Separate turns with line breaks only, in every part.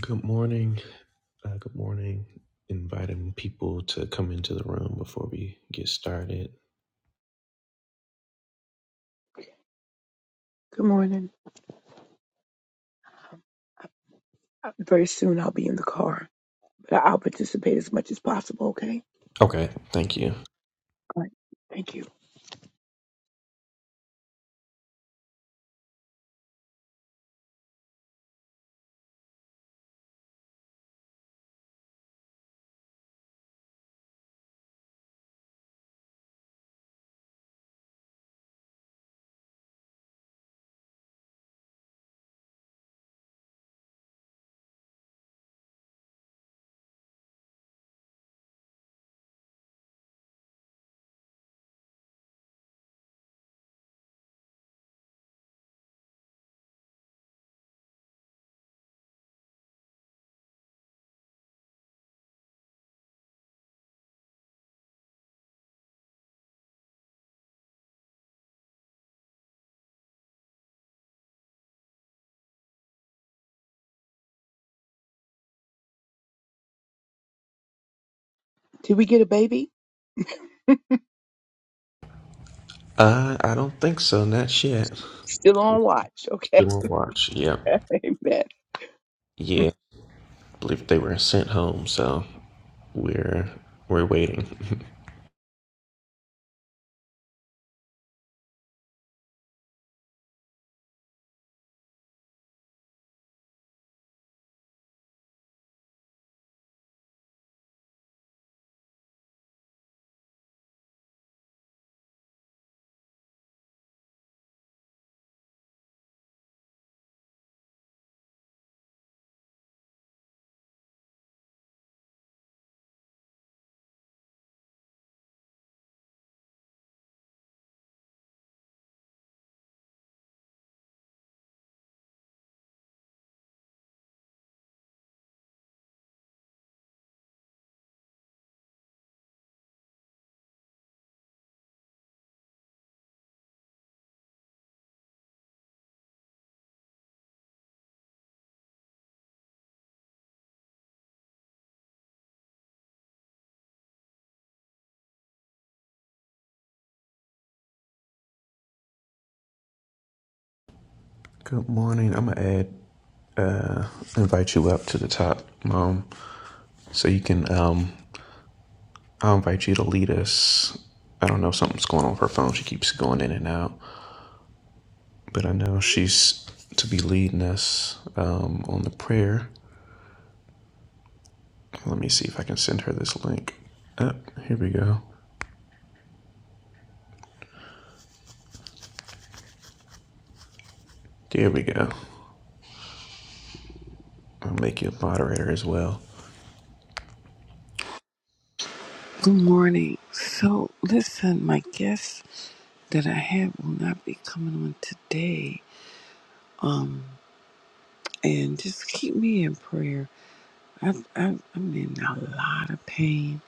Good morning. Uh, good morning. Inviting people to come into the room before we get started.
Good morning. Uh, Very soon I'll be in the car, but I- I'll participate as much as possible, okay?
Okay, thank you.
All right. Thank you. Did we get a baby?
Uh, I don't think so. Not yet.
Still on watch, okay?
Still on watch. Yep.
Amen.
Yeah. I believe they were sent home, so we're we're waiting. good morning. I'm gonna add uh invite you up to the top, Mom, so you can um I'll invite you to lead us. I don't know something's going on with her phone. She keeps going in and out. but I know she's to be leading us um, on the prayer. Let me see if I can send her this link. Oh, here we go. There we go. I'll make you a moderator as well.
Good morning. So, listen, my guest that I had will not be coming on today. Um, and just keep me in prayer. I, I, I'm in a lot of pain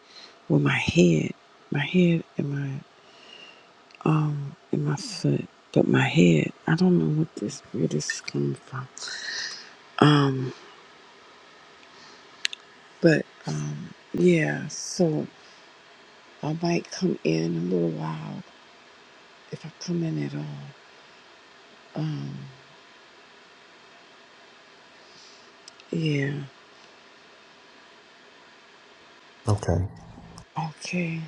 with my head, my head and my um and my foot, but my head. I don't know what this where this is coming from. Um, but um, yeah. So I might come in a little while if I come in at all. Um, yeah.
Okay.
Okay.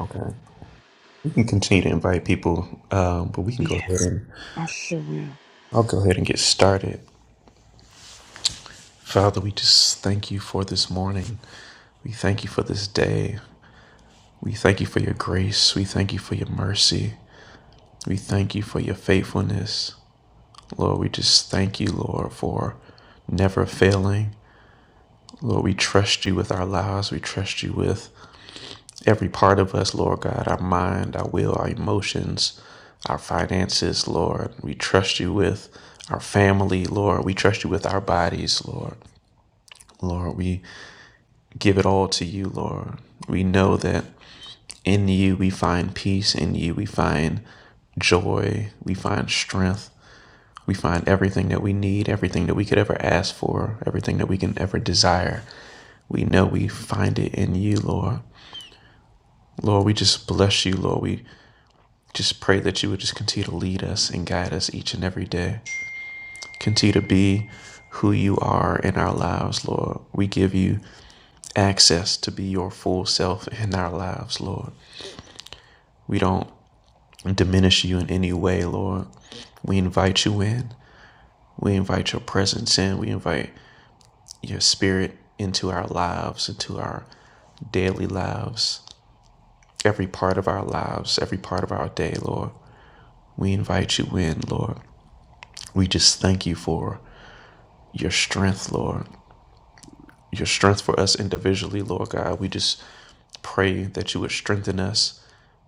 Okay. We can continue to invite people, um, but we can go
Yeah.
ahead and
I sure will.
I'll go ahead and get started. Father, we just thank you for this morning. We thank you for this day. We thank you for your grace. We thank you for your mercy. We thank you for your faithfulness. Lord, we just thank you, Lord, for never failing. Lord, we trust you with our lives. We trust you with every part of us, Lord God, our mind, our will, our emotions, our finances, Lord. We trust you with our family, Lord. We trust you with our bodies, Lord. Lord, we give it all to you, Lord. We know that In you, we find peace. In you, we find joy. We find strength. We find everything that we need, everything that we could ever ask for, everything that we can ever desire. We know we find it in you, Lord. Lord, we just bless you, Lord. We just pray that you would just continue to lead us and guide us each and every day. Continue to be who you are in our lives, Lord. We give you access to be your full self in our lives, Lord. We don't diminish you in any way, Lord. We invite you in. We invite your presence in. We invite your spirit into our lives, into our daily lives, every part of our lives, every part of our day, Lord. We invite you in, Lord. We just thank you for your strength, Lord. Your strength for us individually, Lord God. We just pray that you would strengthen us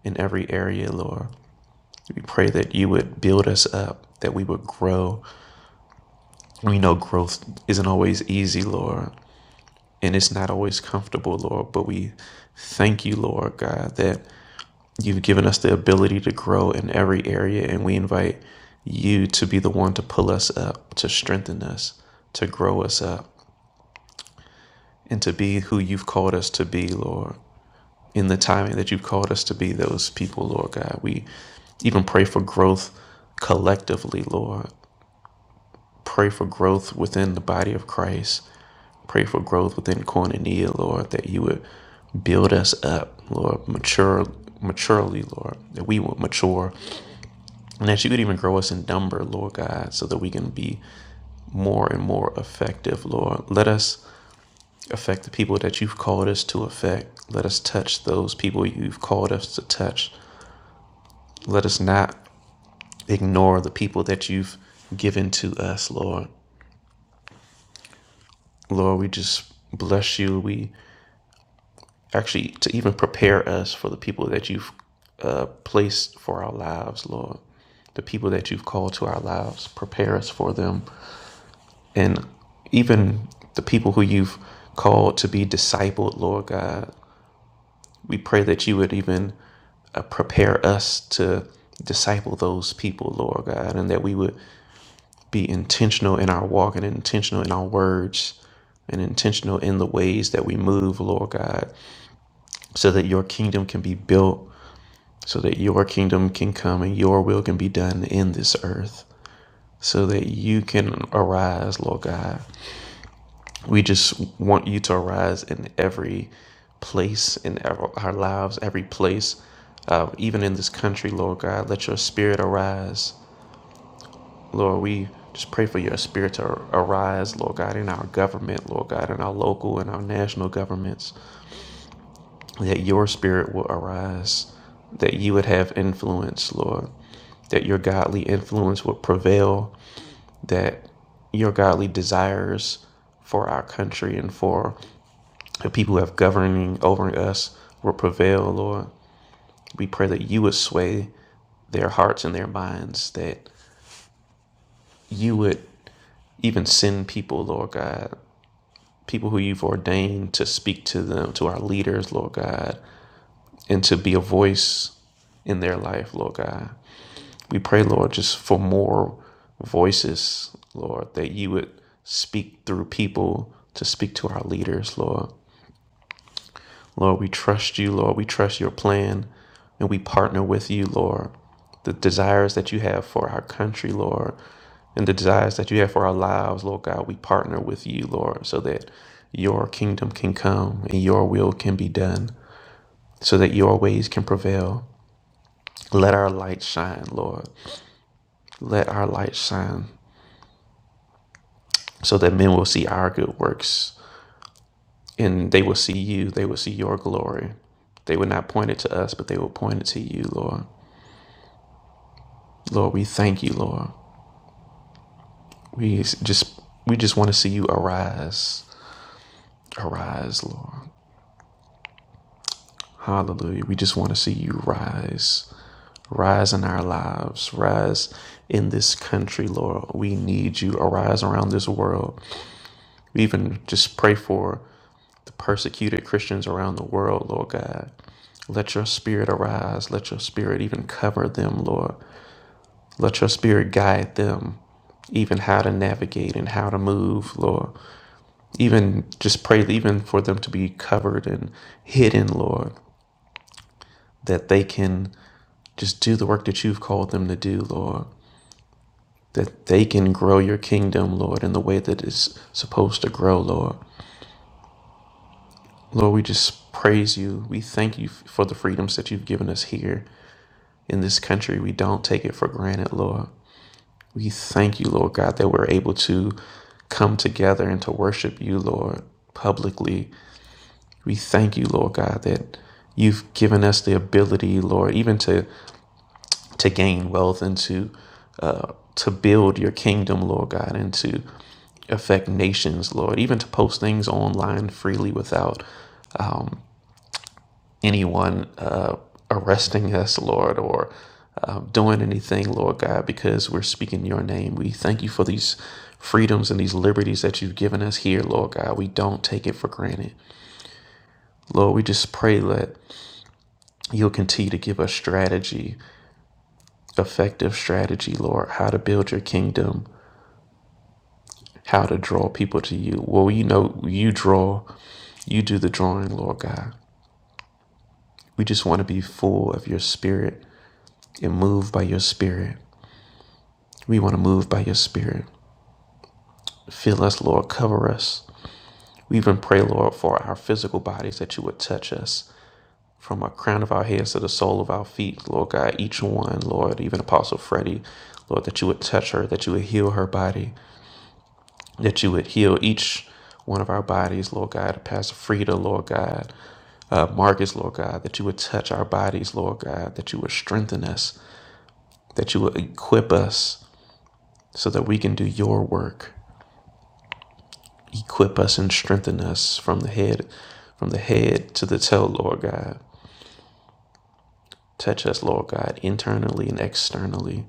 in every area, Lord. We pray that you would build us up, that we would grow, We know growth isn't always easy, Lord, and it's not always comfortable, Lord, but we thank you, Lord God, that you've given us the ability to grow in every area, and we invite you to be the one to pull us up, to strengthen us, to grow us up, and to be who you've called us to be, Lord. In the timing that you've called us to be those people, Lord God, we even pray for growth collectively, Lord. Pray for growth within the body of Christ. Pray for growth within Koinonia, Lord, that you would build us up, Lord, mature maturely, Lord, that we would mature. And that you would even grow us in number, Lord God, so that we can be more and more effective, Lord. Let us affect the people that you've called us to affect. Let us touch those people you've called us to touch. Let us not ignore the people that you've given to us, Lord. Lord, we just bless you. We actually to even prepare us for the people that you've uh, placed for our lives, Lord. The people that you've called to our lives, prepare us for them. And even the people who you've called to be discipled, Lord God, we pray that you would even uh, prepare us to disciple those people, Lord God, and that we would be intentional in our walk and intentional in our words and intentional in the ways that we move, Lord God, so that your kingdom can be built so that your kingdom can come and your will can be done in this earth, so that you can arise, Lord God. We just want you to arise in every place in our lives, every place, uh, even in this country, Lord God. Let your spirit arise. Lord, we just pray for your spirit to arise, Lord God, in our government, Lord God, in our local and our national governments. that your spirit will arise, that you would have influence, Lord, that your godly influence would prevail, that your godly desires for our country and for the people who have governing over us will prevail, Lord. We pray that you would sway their hearts and their minds, that you would even send people, Lord God, people who you've ordained to speak to them, to our leaders, Lord God, and to be a voice in their life, Lord God. We pray, Lord, just for more voices, Lord, that you would speak through people to speak to our leaders, Lord. Lord, we trust you, Lord. We trust your plan and we partner with you, Lord. The desires that you have for our country, Lord, and the desires that you have for our lives, Lord God, we partner with you, Lord, so that your kingdom can come and your will can be done, so that your ways can prevail. Let our light shine, Lord. Let our light shine. so that men will see our good works and they will see you. They will see your glory. They would not point it to us, but they will point it to you, Lord. Lord, we thank you, Lord. We just we just want to see you arise. Arise, Lord. Hallelujah. We just want to see you rise. Rise in our lives. Rise in this country, Lord. We need you. Arise around this world. We even just pray for the persecuted Christians around the world, Lord God. Let your spirit arise. Let your spirit even cover them, Lord. Let your spirit guide them, even how to navigate and how to move, Lord. Even just pray, even for them to be covered and hidden, Lord, that they can just do the work that you've called them to do, Lord. That they can grow your kingdom, Lord, in the way that it's supposed to grow, Lord. Lord, we just praise you. We thank you for the freedoms that you've given us here. in this country. We don't take it for granted, Lord. We thank you, Lord God, that we're able to come together and to worship you, Lord, publicly. We thank you, Lord God, that you've given us the ability, Lord, even to to gain wealth and to uh, to build your kingdom, Lord God, and to affect nations, Lord, even to post things online freely without anyone uh, arresting us, Lord, or uh, doing anything, Lord God, because we're speaking your name. We thank you for these freedoms and these liberties that you've given us here, Lord God. We don't take it for granted. Lord, we just pray that you'll continue to give us strategy, effective strategy, Lord, how to build your kingdom, how to draw people to you. Well, you know, you draw, you do the drawing, Lord God. We just want to be full of your spirit and moved by your spirit. We want to move by your spirit. Fill us, Lord. Cover us. We even pray, Lord, for our physical bodies that you would touch us from our crown of our heads to the sole of our feet, Lord God. Each one, Lord, even Apostle Freddie, Lord, that you would touch her, that you would heal her body, that you would heal each one of our bodies, Lord God. Pastor Frida, Lord God. Uh, Marcus, Lord God, that you would touch our bodies, Lord God, that you would strengthen us, that you would equip us so that we can do your work. equip us and strengthen us from the head from the head to the tail lord god touch us lord god internally and externally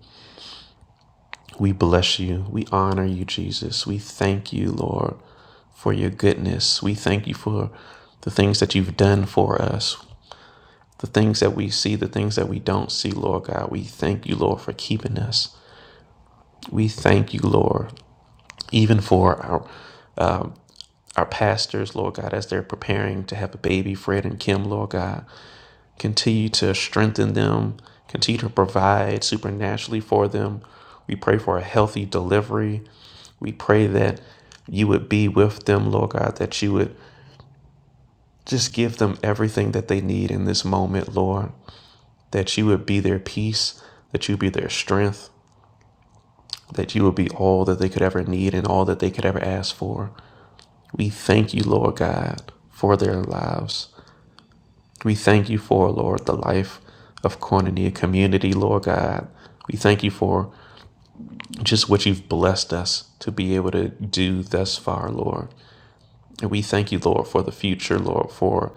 we bless you we honor you jesus we thank you lord for your goodness we thank you for the things that you've done for us the things that we see the things that we don't see lord god we thank you lord for keeping us we thank you lord even for our our pastors lord god as they're preparing to have a baby fred and kim lord god Continue to strengthen them. Continue to provide supernaturally for them. We pray for a healthy delivery. We pray that you would be with them, Lord God, that you would just give them everything that they need in this moment, Lord, that you would be their peace, that you would be their strength, that you would be all that they could ever need and all that they could ever ask for. We thank you, Lord God, for their lives. We thank you for, Lord, the life of Koinonia community, Lord God. We thank you for just what you've blessed us to be able to do thus far, Lord. And we thank you, Lord, for the future, Lord, for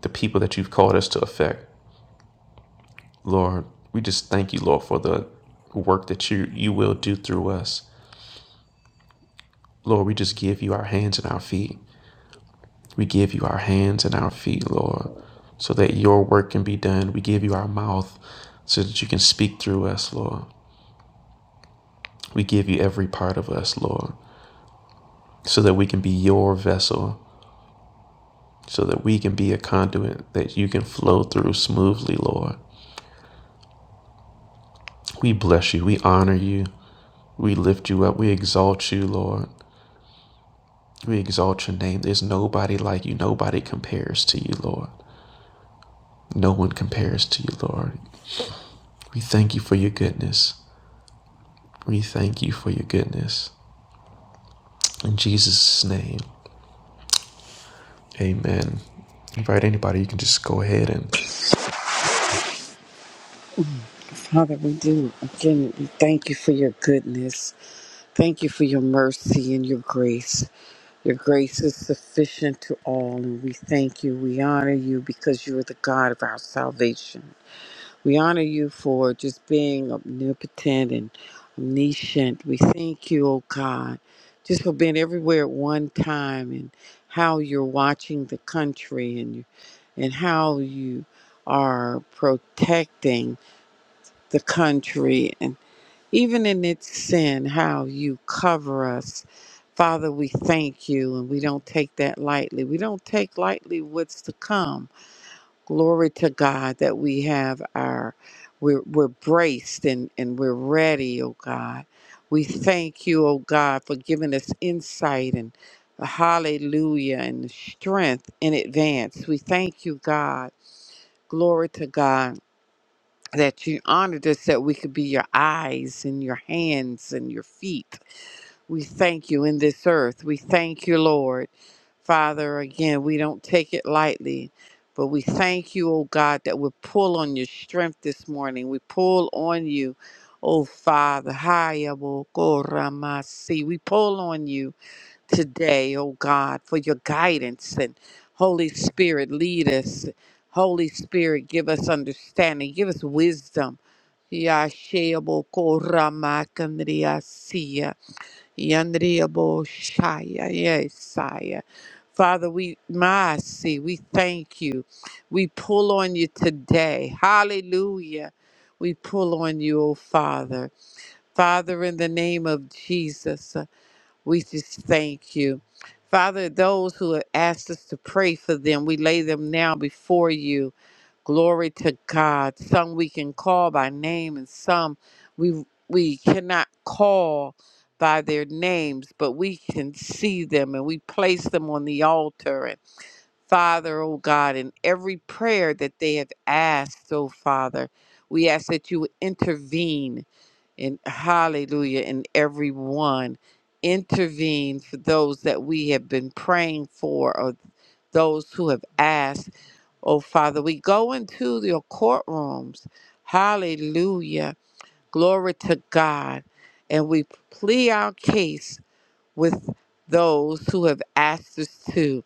the people that you've called us to affect. Lord, we just thank you, Lord, for the work that you, you will do through us. Lord, we just give you our hands and our feet. We give you our hands and our feet, Lord, so that your work can be done. We give you our mouth so that you can speak through us, Lord. We give you every part of us, Lord, so that we can be your vessel, so that we can be a conduit that you can flow through smoothly, Lord. We bless you. We honor you. We lift you up. We exalt you, Lord. We exalt your name. There's nobody like you. Nobody compares to you, Lord. No one compares to you, Lord. We thank you for your goodness. We thank you for your goodness. In Jesus' name, amen. Invite anybody, you can just go ahead and
Father, we do. Again, we thank you for your goodness. Thank you for your mercy and your grace. Your grace is sufficient to all, and we thank you. We honor you because you are the God of our salvation. We honor you for just being omnipotent and omniscient. We thank you, oh God, just for being everywhere at one time and how you're watching the country and, and how you are protecting. the country and even in its sin, how you cover us. Father, we thank you and we don't take that lightly. We don't take lightly what's to come. Glory to God that we have our, we're, we're braced and, and we're ready, oh God. We thank you, oh God, for giving us insight and hallelujah and strength in advance. We thank you, God. Glory to God that you honored us that we could be your eyes and your hands and your feet. We thank you in this earth. We thank you, Lord. Father, again, we don't take it lightly, but we thank you, oh God, that we pull on your strength this morning. We pull on you, oh Father. Hayaboko Ramasi. We pull on you today, oh God, for your guidance and Holy Spirit, lead us. Holy Spirit, give us understanding, give us wisdom. Yashebo korama kandriya siya, yandriyabo shaya, yesaya. Father, we mercy, we thank you. We pull on you today. Hallelujah. We pull on you, oh Father. Father, in the name of Jesus. We just thank you. Father, those who have asked us to pray for them, we lay them now before you. Glory to God. Some we can call by name and some we we cannot call by their names, but we can see them and we place them on the altar. And Father, oh God, in every prayer that they have asked, oh Father, we ask that you would intervene and hallelujah and everyone intervene for those that we have been praying for or those who have asked oh father we go into your courtrooms hallelujah glory to god and we plead our case with those who have asked us to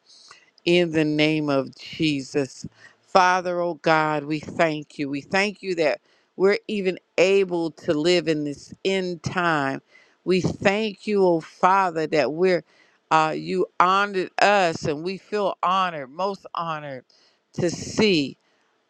in the name of Jesus. Father, oh God, we thank you. We thank you that we're even able to live in this end time. We thank you, oh Father, that we're uh, you honored us and we feel honored, most honored to see.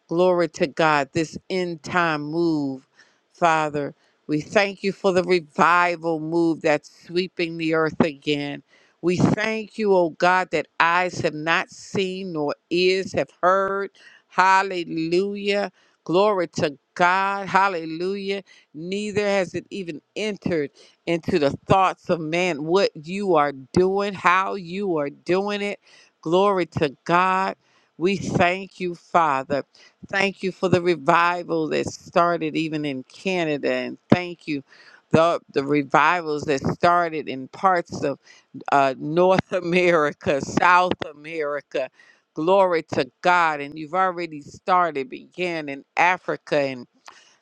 Glory to God, this end time move, Father. We thank you for the revival move that's sweeping the earth again. We thank you, oh God, that eyes have not seen nor ears have heard. Hallelujah. Glory to God. Hallelujah. Neither has it even entered into the thoughts of man what you are doing, how you are doing it. Glory to God. We thank you, Father. Thank you for the revival that started even in Canada, and thank you the the revivals that started in parts of uh, North America, South America. Glory to God, and you've already started, began in Africa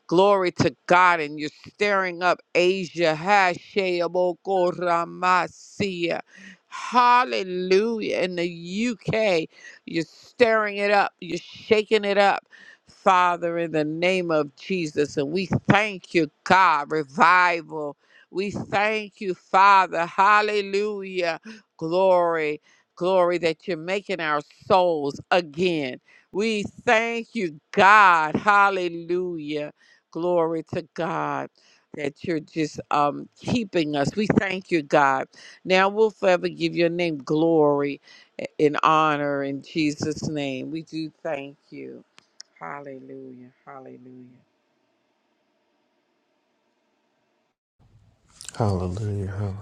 Glory to God, and you're stirring up Asia. Hasheamokoramasia. Hallelujah. In the UK, you're stirring it up, you're shaking it up. Father, in the name of Jesus, and we thank you, God, revival. We thank you, Father. Hallelujah. Glory, glory that you're making our souls again. We thank you, God. Hallelujah. Glory to God that you're just um, keeping us. We thank you, God. Now we'll forever give your name glory and honor in Jesus' name. We do thank you. Hallelujah. Hallelujah.
hallelujah.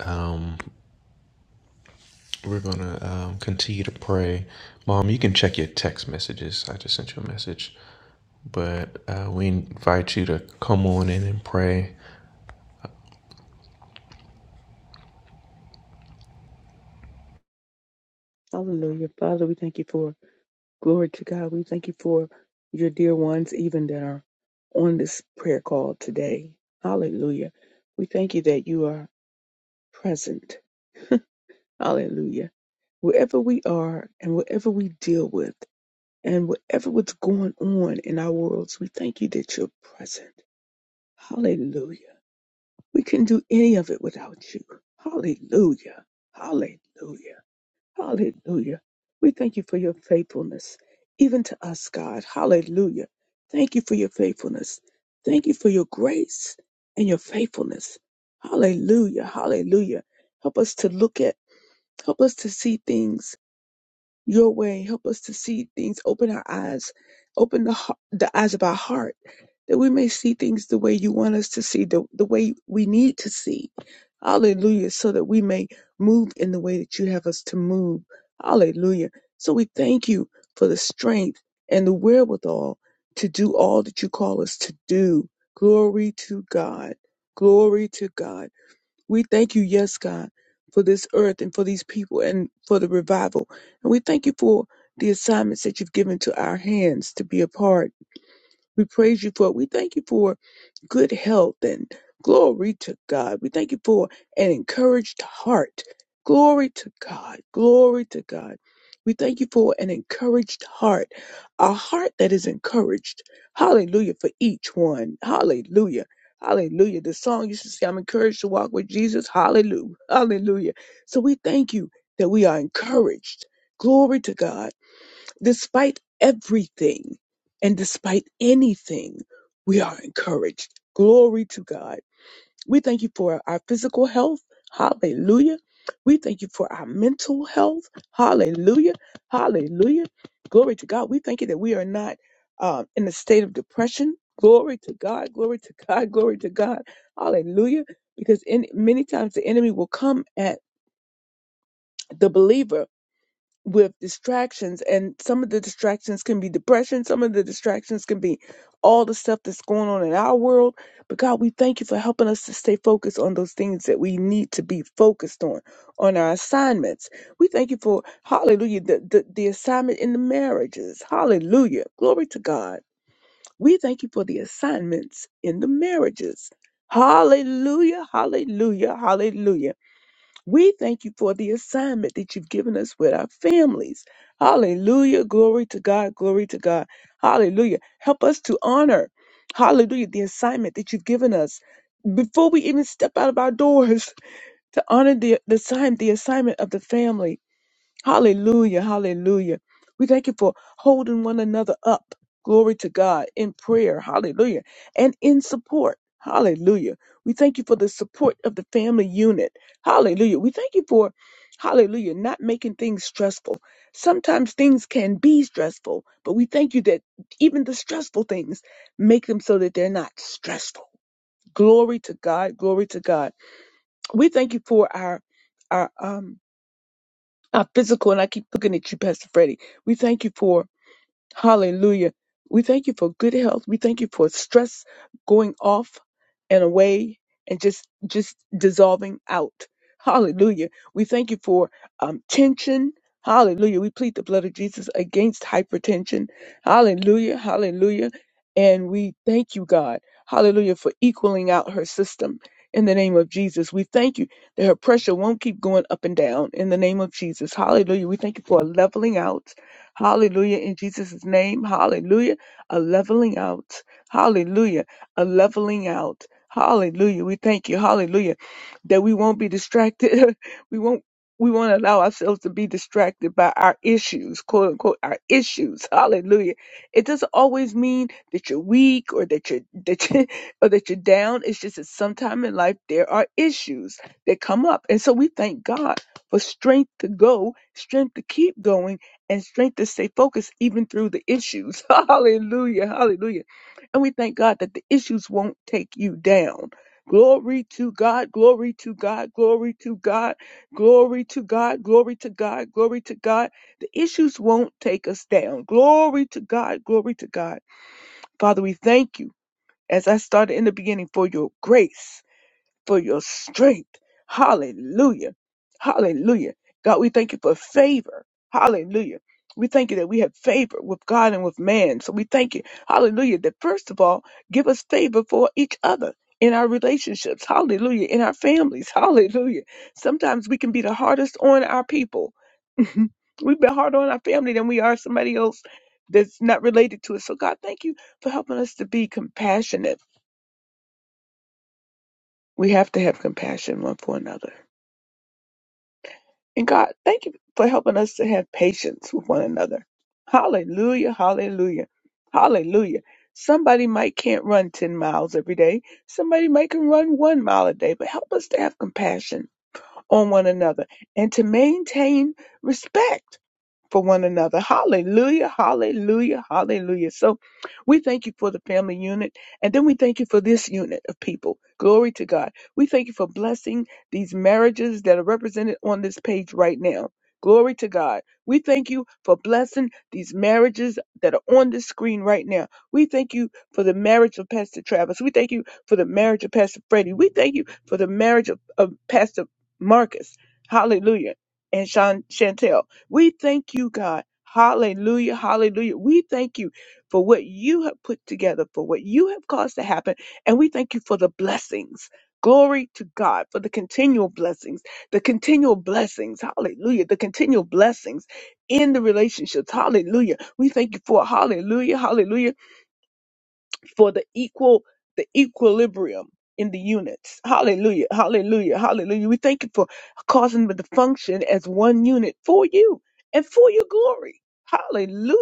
hallelujah. We're gonna um, continue to pray. Mom, you can check your text messages. I just sent you a message, but uh, we invite you to come on in and pray.
Hallelujah. Father, we thank you for glory to God. We thank you for your dear ones, even that are on this prayer call today. Hallelujah. We thank you that you are. present. Hallelujah. Wherever we are and wherever we deal with and whatever what's going on in our worlds, we thank you that you're present. Hallelujah. We can do any of it without you. Hallelujah. Hallelujah. Hallelujah. We thank you for your faithfulness, even to us, God. Hallelujah. Thank you for your faithfulness. Thank you for your grace and your faithfulness. Hallelujah. Hallelujah. Help us to look at Help us to see things your way. Help us to see things. Open our eyes. Open the, heart, the eyes of our heart that we may see things the way you want us to see, the, the way we need to see. Hallelujah. So that we may move in the way that you have us to move. Hallelujah. So we thank you for the strength and the wherewithal to do all that you call us to do. Glory to God. Glory to God. We thank you, yes, God, for this earth and for these people and for the revival. And we thank you for the assignments that you've given to our hands to be a part. We praise you for it. We thank you for good health and glory to God. We thank you for an encouraged heart. Glory to God. Glory to God. We thank you for an encouraged heart, a heart that is encouraged. Hallelujah for each one. Hallelujah. Hallelujah. The song used to say, I'm encouraged to walk with Jesus. Hallelujah. Hallelujah. So we thank you that we are encouraged. Glory to God Despite everything and despite anything, we are encouraged. Glory to God. We thank you for our physical health. Hallelujah. We thank you for our mental health. Hallelujah. Hallelujah. Glory to God. We thank you that we are not um, in a state of depression. Glory to God. Glory to God. Glory to God. Hallelujah. Because in many times the enemy will come at the believer with distractions and some of the distractions can be depression some of the distractions can be all the stuff that's going on in our world but god we thank you for helping us to stay focused on those things that we need to be focused on on our assignments we thank you for hallelujah the, the, the assignment in the marriages hallelujah glory to god we thank you for the assignments in the marriages hallelujah hallelujah hallelujah we thank you for the assignment that you've given us with our families. Hallelujah. Glory to God. Glory to God. Hallelujah. Help us to honor, hallelujah, the assignment that you've given us before we even step out of our doors to honor the, the, assign, the assignment of the family. Hallelujah. Hallelujah. We thank you for holding one another up. Glory to God in prayer. Hallelujah. And in support. Hallelujah. We thank you for the support of the family unit. Hallelujah. We thank you for, hallelujah, not making things stressful. Sometimes things can be stressful, but we thank you that even the stressful things make them so that they're not stressful. Glory to God. Glory to God. We thank you for our, our, um, our physical, and I keep looking at you, Pastor Freddie. We thank you for Hallelujah. We thank you for good health. We thank you for stress going off and away and just just dissolving out. Hallelujah. We thank you for um, tension. Hallelujah. We plead the blood of Jesus against hypertension. Hallelujah. Hallelujah. And we thank you, God. Hallelujah for equaling out her system in the name of Jesus. We thank you that her pressure won't keep going up and down in the name of Jesus. Hallelujah. We thank you for a leveling out. Hallelujah. In Jesus' name. Hallelujah. A leveling out. Hallelujah. A leveling out. Hallelujah. We thank you. Hallelujah. That we won't be distracted. we won't we won't allow ourselves to be distracted by our issues, quote unquote, our issues. Hallelujah. It doesn't always mean that you're weak or that you're that you or that you're down. It's just that sometime in life there are issues that come up. And so we thank God for strength to go, strength to keep going and strength to stay focused even through the issues. Hallelujah. Hallelujah. And we thank God that the issues won't take you down. Glory to God, glory to God, glory to God, glory to God, glory to God, glory to God. The issues won't take us down. Glory to God, glory to God. Father, we thank you, as I started in the beginning, for your grace for your strength. Hallelujah. Hallelujah. God, we thank you for favor. Hallelujah. We thank you that we have favor with God and with man. So we thank you. Hallelujah. That first of all, give us favor for each other in our relationships. Hallelujah. In our families. Hallelujah. Sometimes we can be the hardest on our people. We've been harder on our family than we are somebody else that's not related to us. So God, thank you for helping us to be compassionate. We have to have compassion one for another. And God, thank you for helping us to have patience with one another. Hallelujah, hallelujah, hallelujah. Somebody might can't run 10 miles every day. Somebody might can run one mile a day, but help us to have compassion on one another and to maintain respect for one another. Hallelujah, hallelujah, hallelujah. So we thank you for the family unit, and then we thank you for this unit of people. Glory to God. We thank you for blessing these marriages that are represented on this page right now. Glory to God. We thank you for blessing these marriages that are on the screen right now. We thank you for the marriage of Pastor Travis. We thank you for the marriage of Pastor Freddie. We thank you for the marriage of, of Pastor Marcus. Hallelujah. And Sean Chantel. We thank you, God. Hallelujah, hallelujah. We thank you for what you have put together, for what you have caused to happen. And we thank you for the blessings. Glory to God for the continual blessings, the continual blessings. Hallelujah. The continual blessings in the relationships. Hallelujah. We thank you for it. Hallelujah, hallelujah for the equal the equilibrium in the units. Hallelujah. Hallelujah. Hallelujah. We thank you for causing them to function as one unit for you and for your glory. Hallelujah.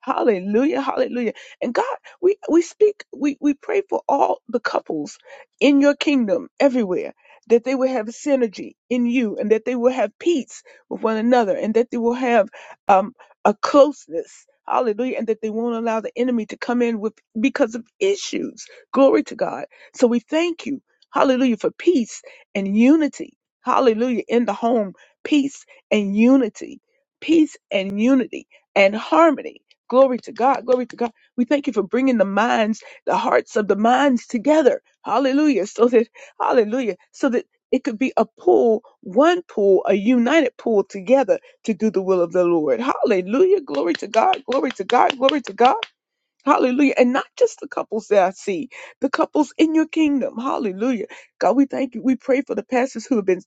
Hallelujah. Hallelujah. And God, we, we speak, we, we pray for all the couples in your kingdom everywhere that they will have synergy in you and that they will have peace with one another and that they will have um a closeness. Hallelujah. And that they won't allow the enemy to come in with because of issues. Glory to God. So we thank you. Hallelujah for peace and unity. Hallelujah in the home. Peace and unity. Peace and unity and harmony. Glory to God. Glory to God. We thank you for bringing the minds, the hearts of the minds together. Hallelujah. So that, hallelujah, so that it could be a pool, one pool, a united pool together to do the will of the Lord. Hallelujah. Glory to God. Glory to God. Glory to God. Hallelujah. And not just the couples that I see, the couples in your kingdom. Hallelujah. God, we thank you. We pray for the pastors who have been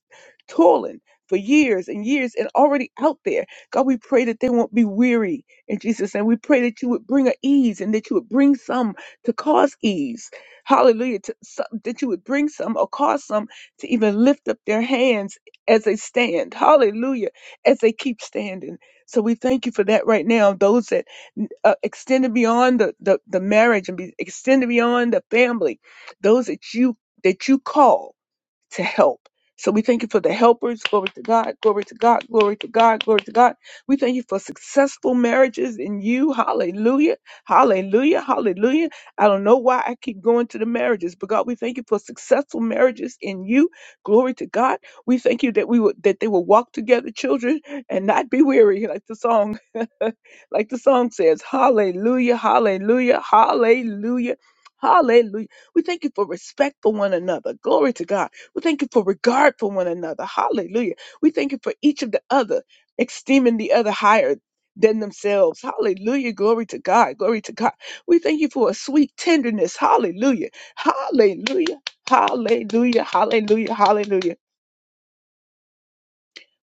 toiling for years and years and already out there. God, we pray that they won't be weary in Jesus' name. We pray that you would bring an ease and that you would bring some to cause ease. Hallelujah. To, so, that you would bring some or cause some to even lift up their hands as they stand. Hallelujah. As they keep standing. So we thank you for that right now. Those that uh, extended beyond the, the, the marriage and be extended beyond the family, those that you that you call to help. So we thank you for the helpers. Glory to God. Glory to God. Glory to God. Glory to God. We thank you for successful marriages in you. Hallelujah. Hallelujah. Hallelujah. I don't know why I keep going to the marriages, but God, we thank you for successful marriages in you. Glory to God. We thank you that we would that they will walk together, children, and not be weary, like the song, like the song says. Hallelujah. Hallelujah. Hallelujah. Hallelujah. We thank you for respect for one another. Glory to God. We thank you for regard for one another. Hallelujah. We thank you for each of the other, esteeming the other higher than themselves. Hallelujah. Glory to God. Glory to God. We thank you for a sweet tenderness. Hallelujah. Hallelujah. Hallelujah. Hallelujah. Hallelujah.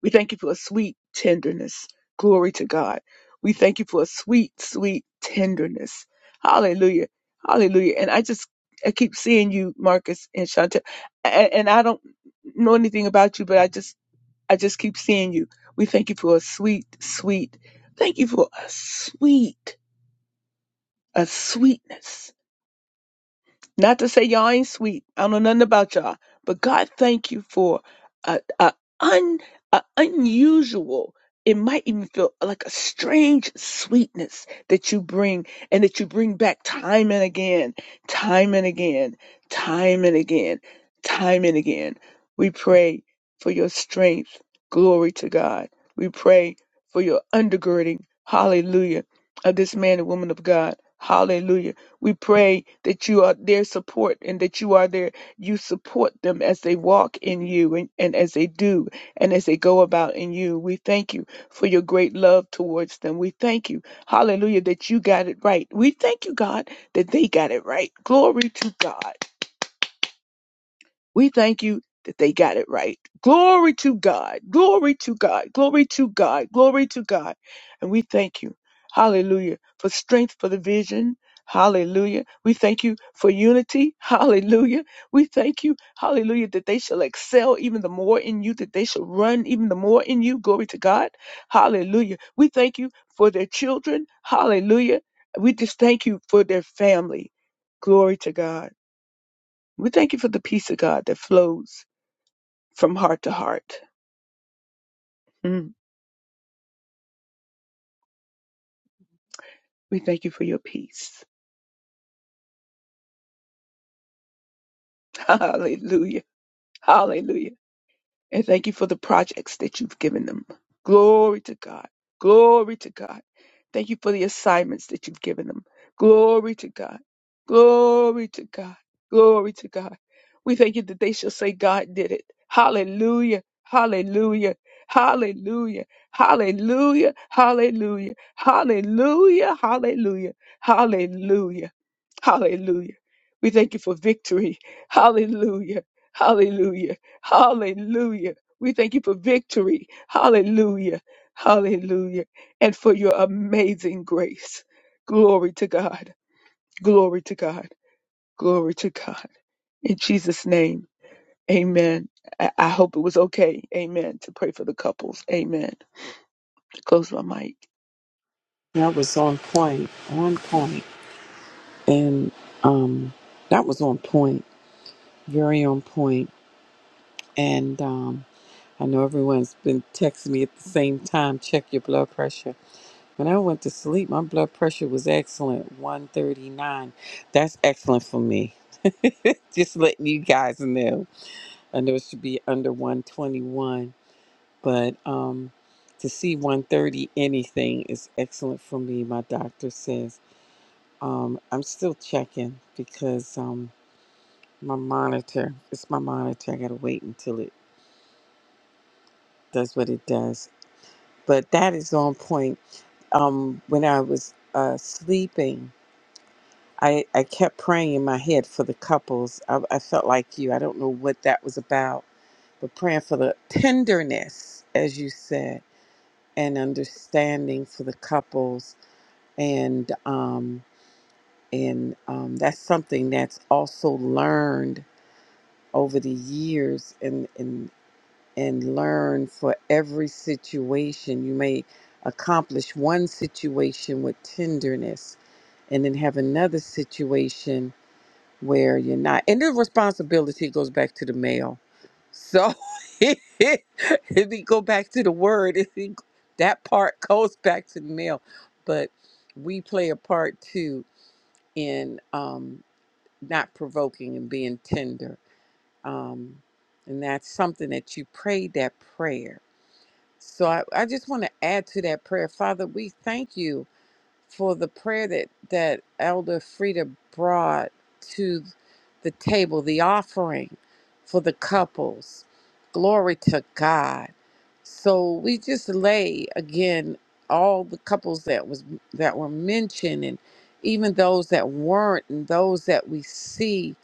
We thank you for a sweet tenderness. Glory to God. We thank you for a sweet, sweet tenderness. Hallelujah. Hallelujah. And I just, I keep seeing you, Marcus and Chantel, and, and I don't know anything about you, but I just, I just keep seeing you. We thank you for a sweet, sweet, thank you for a sweet, a sweetness not to say y'all ain't sweet. I don't know nothing about y'all. But God, thank you for a, a, un, a unusual, it might even feel like a strange sweetness that you bring and that you bring back time and again, time and again, time and again, time and again. We pray for your strength. Glory to God. We pray for your undergirding. Hallelujah. Of this man and woman of God. Hallelujah we pray that you are their support and that you are their, you support them as they walk in you and, and as they do and as they go about in you. We thank you for your great love towards them. We thank you, hallelujah, that you got it right. We thank you, God, that they got it right. Glory to God. We thank you that they got it right. Glory to God. Glory to God. Glory to God. Glory to God. And we thank you. Hallelujah. For strength for the vision. Hallelujah. We thank you for unity. Hallelujah. We thank you. Hallelujah. That they shall excel even the more in you, that they shall run even the more in you. Glory to God. Hallelujah. We thank you for their children. Hallelujah. We just thank you for their family. Glory to God. We thank you for the peace of God that flows from heart to heart. Mm. We thank you for your peace. Hallelujah. Hallelujah. and thank you for the projects that you've given them. Glory to God. Glory to God. Thank you for the assignments that you've given them. Glory to God. Glory to God. Glory to God. We thank you that they shall say, God did it. Hallelujah. Hallelujah. Hallelujah. Hallelujah. Hallelujah. Hallelujah. Hallelujah. Hallelujah. Hallelujah. We thank you for victory. Hallelujah. Hallelujah. Hallelujah. We thank you for victory. Hallelujah. Hallelujah. And for your amazing grace. Glory to God. Glory to God. Glory to God. In Jesus' name. Amen. I, I hope it was okay. Amen. To pray for the couples. Amen. Close my mic.
That was on point, on point, and um, that was on point, very on point. And um, I know everyone's been texting me at the same time. Check your blood pressure. When I went to sleep, my blood pressure was excellent 139. That's excellent for me. Just letting you guys know. I know it should be under 121, but um, to see 130 anything is excellent for me, my doctor says. Um, I'm still checking because um, my monitor, it's my monitor. I got to wait until it does what it does. But that is on point. Um, when I was uh, sleeping, I, I kept praying in my head for the couples. I, I felt like you. I don't know what that was about, but praying for the tenderness, as you said, and understanding for the couples, and um, and um, that's something that's also learned over the years, and and and learn for every situation. You may accomplish one situation with tenderness, and then have another situation where you're not and the responsibility goes back to the male so if we go back to the word if we, that part goes back to the male but we play a part too in um, not provoking and being tender um, and that's something that you prayed that prayer so i, I just want to add to that prayer father we thank you for the prayer that that Elder Frida brought to the table, the offering for the couples. Glory to God. So we just lay again all the couples that was that were mentioned and even those that weren't and those that we see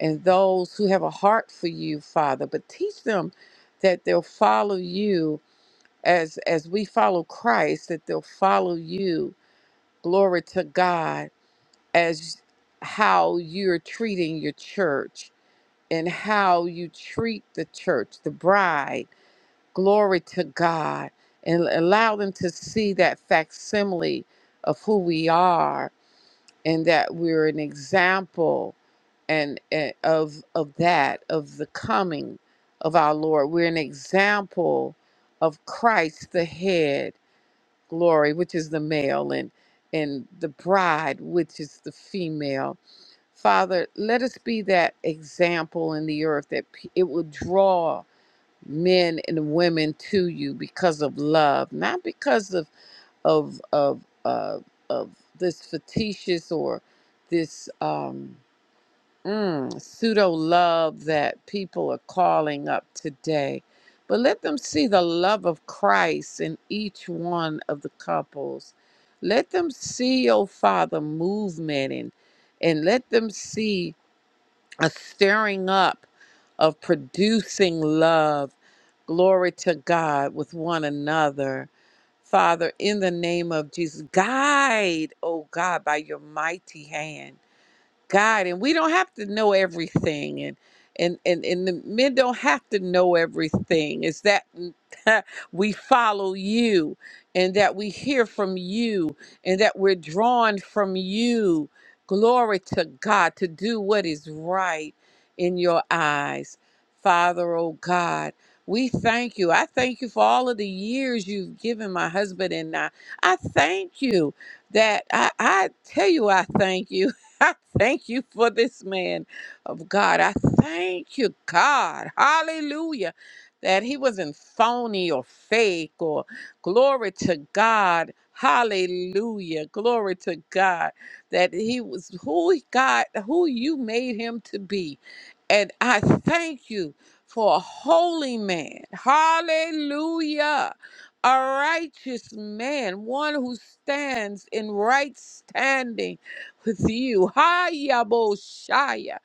and those who have a heart for you, Father, but teach them that they'll follow you as as we follow Christ, that they'll follow you glory to God as how you're treating your church and how you treat the church, the bride. Glory to God. And allow them to see that facsimile of who we are and that we're an example and, and of of that of the coming of our Lord. We're an example of Christ the head glory, which is the male, and and the bride, which is the female. Father, let us be that example in the earth that pe- it will draw men and women to you because of love, not because of of of uh, of this fictitious or this. Um, mm, pseudo love that people are calling up today. But let them see the love of Christ in each one of the couples. Let them see, oh Father, movement and and let them see a stirring up of producing love. Glory to God with one another. Father, in the name of Jesus, guide, oh God, by your mighty hand. God, and we don't have to know everything, and and and and the men don't have to know everything. It's that we follow you, and that we hear from you, and that we're drawn from you. Glory to God to do what is right in your eyes, Father. Oh God. We thank you. I thank you for all of the years you've given my husband and I. I thank you that I, I tell you, I thank you I thank you for this man of God. I thank you, God. Hallelujah. That he wasn't phony or fake or glory to God. Hallelujah. Glory to God. That he was who he God, who you made him to be. And I thank you for a holy man. Hallelujah. A righteous man, one who stands in right standing with you. Hayaboshaya.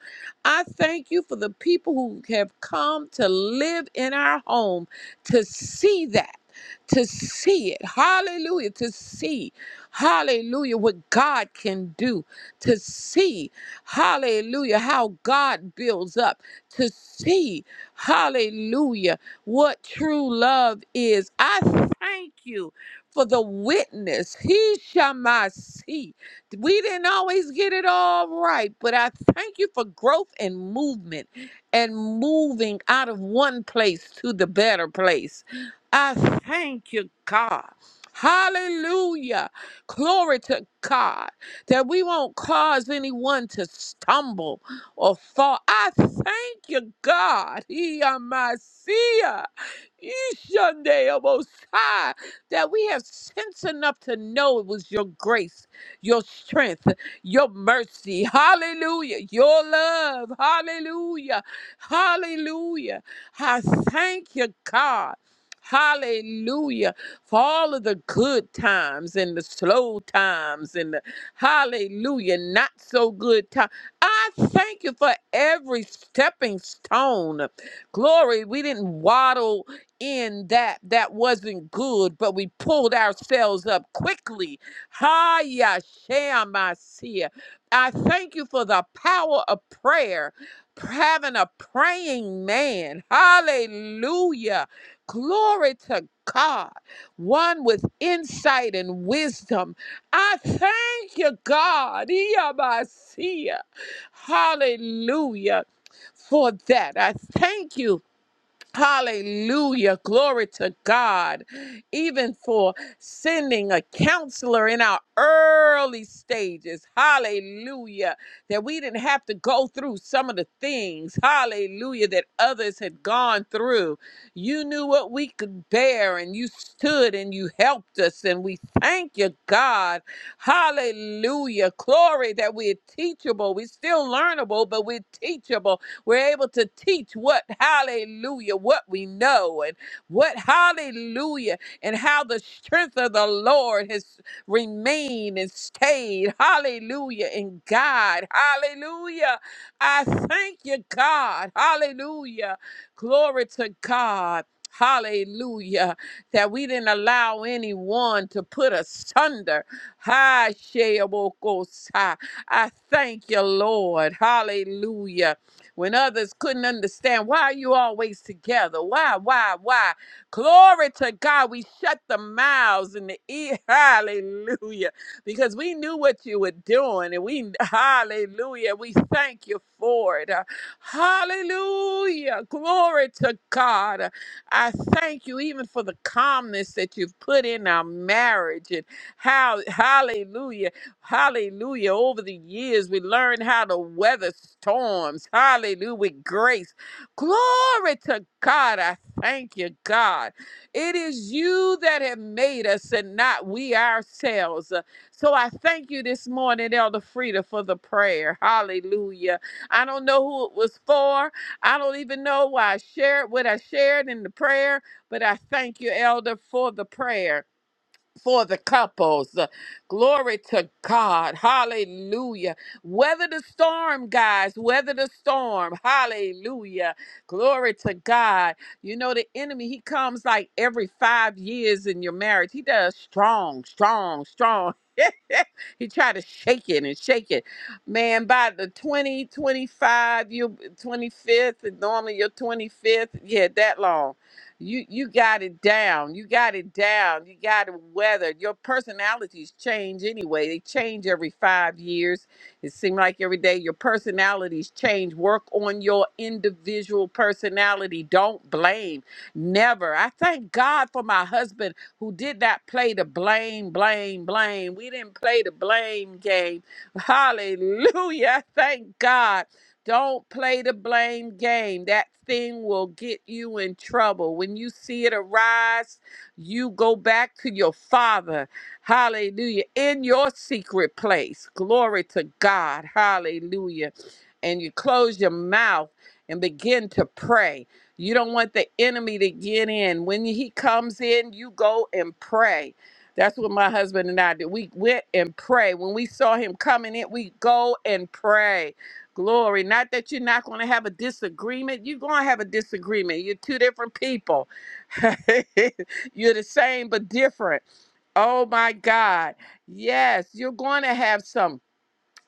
I thank you for the people who have come to live in our home to see that. To see it. Hallelujah. To see. Hallelujah. What God can do. To see. Hallelujah. How God builds up. To see. Hallelujah. What true love is. I thank you for the witness. He shall my see. We didn't always get it all right, but I thank you for growth and movement and moving out of one place to the better place. I thank you, God. Hallelujah. Glory to God that we won't cause anyone to stumble or fall. I thank you, God. Iyamasia, Ishandeobosai, That we have sense enough to know it was your grace your strength, your mercy. Hallelujah. Your love. Hallelujah. Hallelujah. I thank you, God. Hallelujah for all of the good times and the slow times and the hallelujah, not so good times. I thank you for every stepping stone. Glory, we didn't waddle in that that wasn't good, but we pulled ourselves up quickly Haya Shemasiah. I thank you for the power of prayer, having a praying man. Hallelujah. Glory to God, one with insight and wisdom. I thank you, God. Iyabasiah. Hallelujah. For that, I thank you Hallelujah. Glory to God. Even for sending a counselor in our early stages. Hallelujah. That we didn't have to go through some of the things. Hallelujah. That others had gone through. You knew what we could bear and you stood and you helped us. And we thank you, God. Hallelujah. Glory that we're teachable. We're still learnable, but we're teachable. We're able to teach what, hallelujah, what we know and what, hallelujah, and how the strength of the Lord has remained and stayed, hallelujah, in God, hallelujah. I thank you, God, hallelujah. Glory to God. Hallelujah, that we didn't allow anyone to put us under. Hi, Sheobokosai. I thank you, Lord. Hallelujah when others couldn't understand why are you always together why why why glory to god we shut the mouths and the ear hallelujah because we knew what you were doing and we hallelujah we thank you for it Uh, hallelujah glory to god Uh, i thank you even for the calmness that you've put in our marriage and how hallelujah Hallelujah. Over the years, we learned how to weather storms. Hallelujah. With grace. Glory to God. I thank you, God. It is you that have made us and not we ourselves. So I thank you this morning, Elder Frida, for the prayer. Hallelujah. I don't know who it was for. I don't even know why I shared what I shared in the prayer, but I thank you, Elder, for the prayer for the couples. Uh, Glory to God. Hallelujah. Weather the storm, guys. Weather the storm. Hallelujah. Glory to God. You know, the enemy, he comes like every five years in your marriage. He does strong, strong, strong. he tried to shake it and shake it. Man, by the 20 25, you 25th, and normally your 25th, yeah, that long. You you got it down. You got it down. You got it weathered. Your personalities change anyway. They change every five years. It seems like every day your personalities change. Work on your individual personality. Don't blame. Never. I thank God for my husband who did not play the blame, blame, blame. We didn't play the blame game. Hallelujah. Thank God. Don't play the blame game. That thing will get you in trouble. When you see it arise, you go back to your Father. Hallelujah. In your secret place. Glory to God. Hallelujah. And you close your mouth and begin to pray. You don't want the enemy to get in. When he comes in, you go and pray. That's what my husband and I did. We went and pray. When we saw him coming in, we go and pray. Glory. Not that you're not going to have a disagreement. You're going to have a disagreement. You're two different people. you're the same but different. Oh my God. Yes, you're going to have some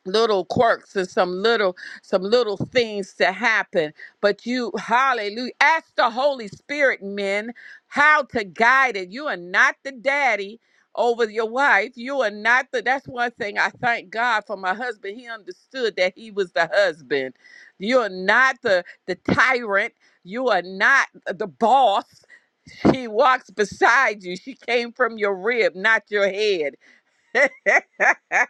little quirks and some little some little things to happen but you hallelujah ask the holy spirit men how to guide it you are not the daddy over your wife you are not the that's one thing i thank god for my husband he understood that he was the husband you are not the the tyrant you are not the boss she walks beside you. She came from your rib, not your head.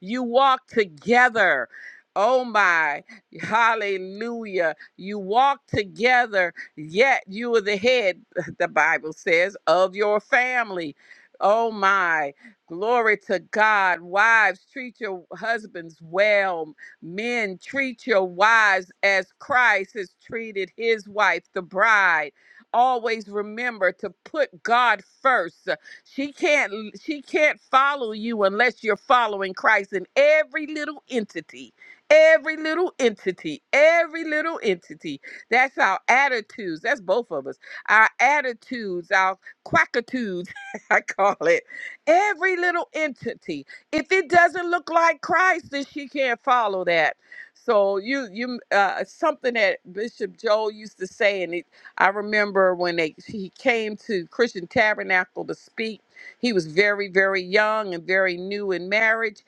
you walk together. Oh my, hallelujah. You walk together, yet you are the head, the Bible says, of your family. Oh my, glory to God. Wives, treat your husbands well. Men, treat your wives as Christ has treated his wife, the bride. Always remember to put God first. She can't she can't follow you unless you're following Christ in every little entity. Every little entity, every little entity. That's our attitudes. That's both of us. Our attitudes, our quackitudes, I call it. Every little entity. If it doesn't look like Christ, then she can't follow that. So you you uh, something that Bishop Joel used to say, and it I remember when they, he came to Christian Tabernacle to speak. He was very, very young and very new in marriage.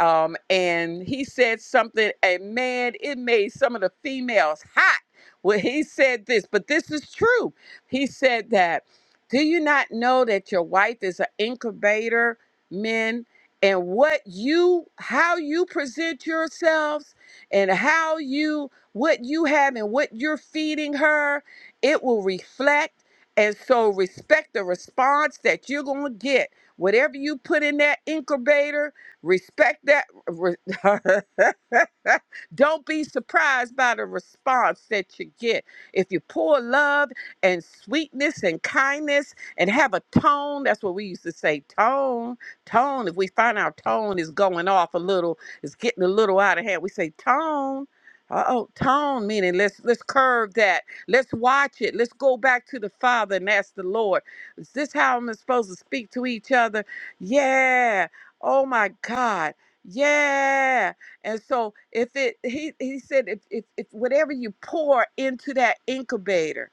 Um, and he said something, and man, it made some of the females hot. Well, he said this, but this is true. He said that, do you not know that your wife is an incubator, men? And what you, how you present yourselves, and how you, what you have, and what you're feeding her, it will reflect. And so respect the response that you're going to get. Whatever you put in that incubator, respect that. re- Don't be surprised by the response that you get. If you pour love and sweetness and kindness and have a tone, that's what we used to say tone, tone. If we find our tone is going off a little, it's getting a little out of hand, we say tone. Uh oh, tone meaning let's let's curve that Let's watch it. Let's go back to the Father and ask the Lord, is this how I'm supposed to speak to each other? Yeah. Oh my God. Yeah. And so if it he he said if if, if whatever you pour into that incubator,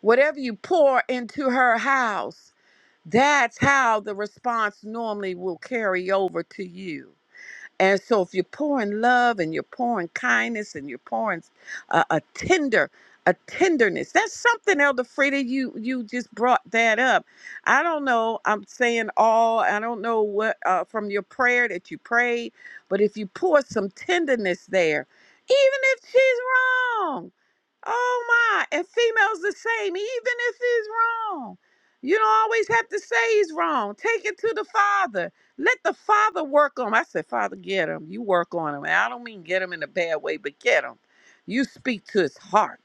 whatever you pour into her house, that's how the response normally will carry over to you. And so, if you're pouring love and you're pouring kindness and you're pouring uh, a tender, a tenderness, that's something, Elder Frida. You you just brought that up. I don't know. I'm saying all. I don't know what uh, from your prayer that you prayed, but if you pour some tenderness there, even if she's wrong. Oh my, and females the same, even if he's wrong. You don't always have to say he's wrong. Take it to the father. Let the father work on him. I said, Father, get him. You work on him. And I don't mean get him in a bad way, but get him. You speak to his heart,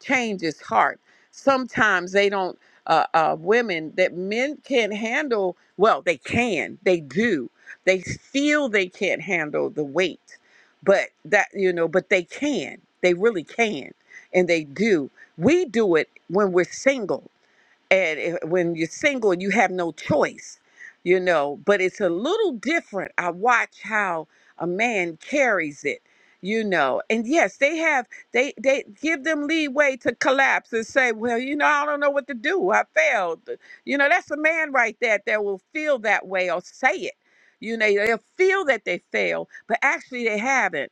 change his heart. Sometimes they don't, uh, uh, women that men can't handle, well, they can, they do. They feel they can't handle the weight, but that, you know, but they can. They really can and they do. We do it when we're single. And if- when you're single, you have no choice, you know, but it's a little different. I watch how a man carries it, you know. And yes, they have they they give them leeway to collapse and say, "Well, you know, I don't know what to do. I failed." You know, that's a man right there that will feel that way or say it. You know, they'll feel that they failed, but actually they haven't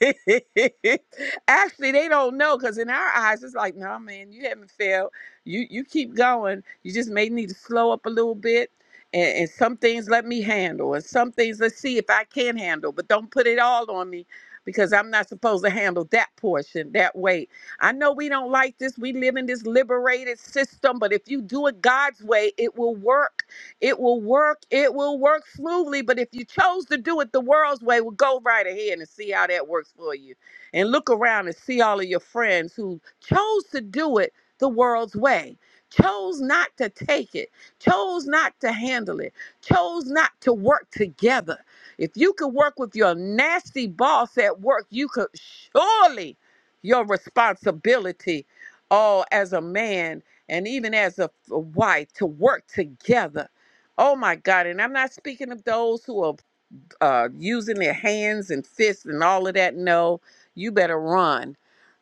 Actually, they don't know because in our eyes, it's like, no, man, you haven't failed. You you keep going. You just may need to slow up a little bit. And, and some things let me handle, and some things let's see if I can handle. But don't put it all on me because I'm not supposed to handle that portion that way. I know we don't like this. We live in this liberated system, but if you do it God's way, it will work it will work. It will work smoothly. But if you chose to do it the world's way, well, go right ahead and see how that works for you. And look around and see all of your friends who chose to do it the world's way, chose not to take it, chose not to handle it, chose not to work together. If you could work with your nasty boss at work, you could surely your responsibility, oh, as a man and even as a, a wife, to work together Oh my God. And I'm not speaking of those who are uh, using their hands and fists and all of that. No, you better run.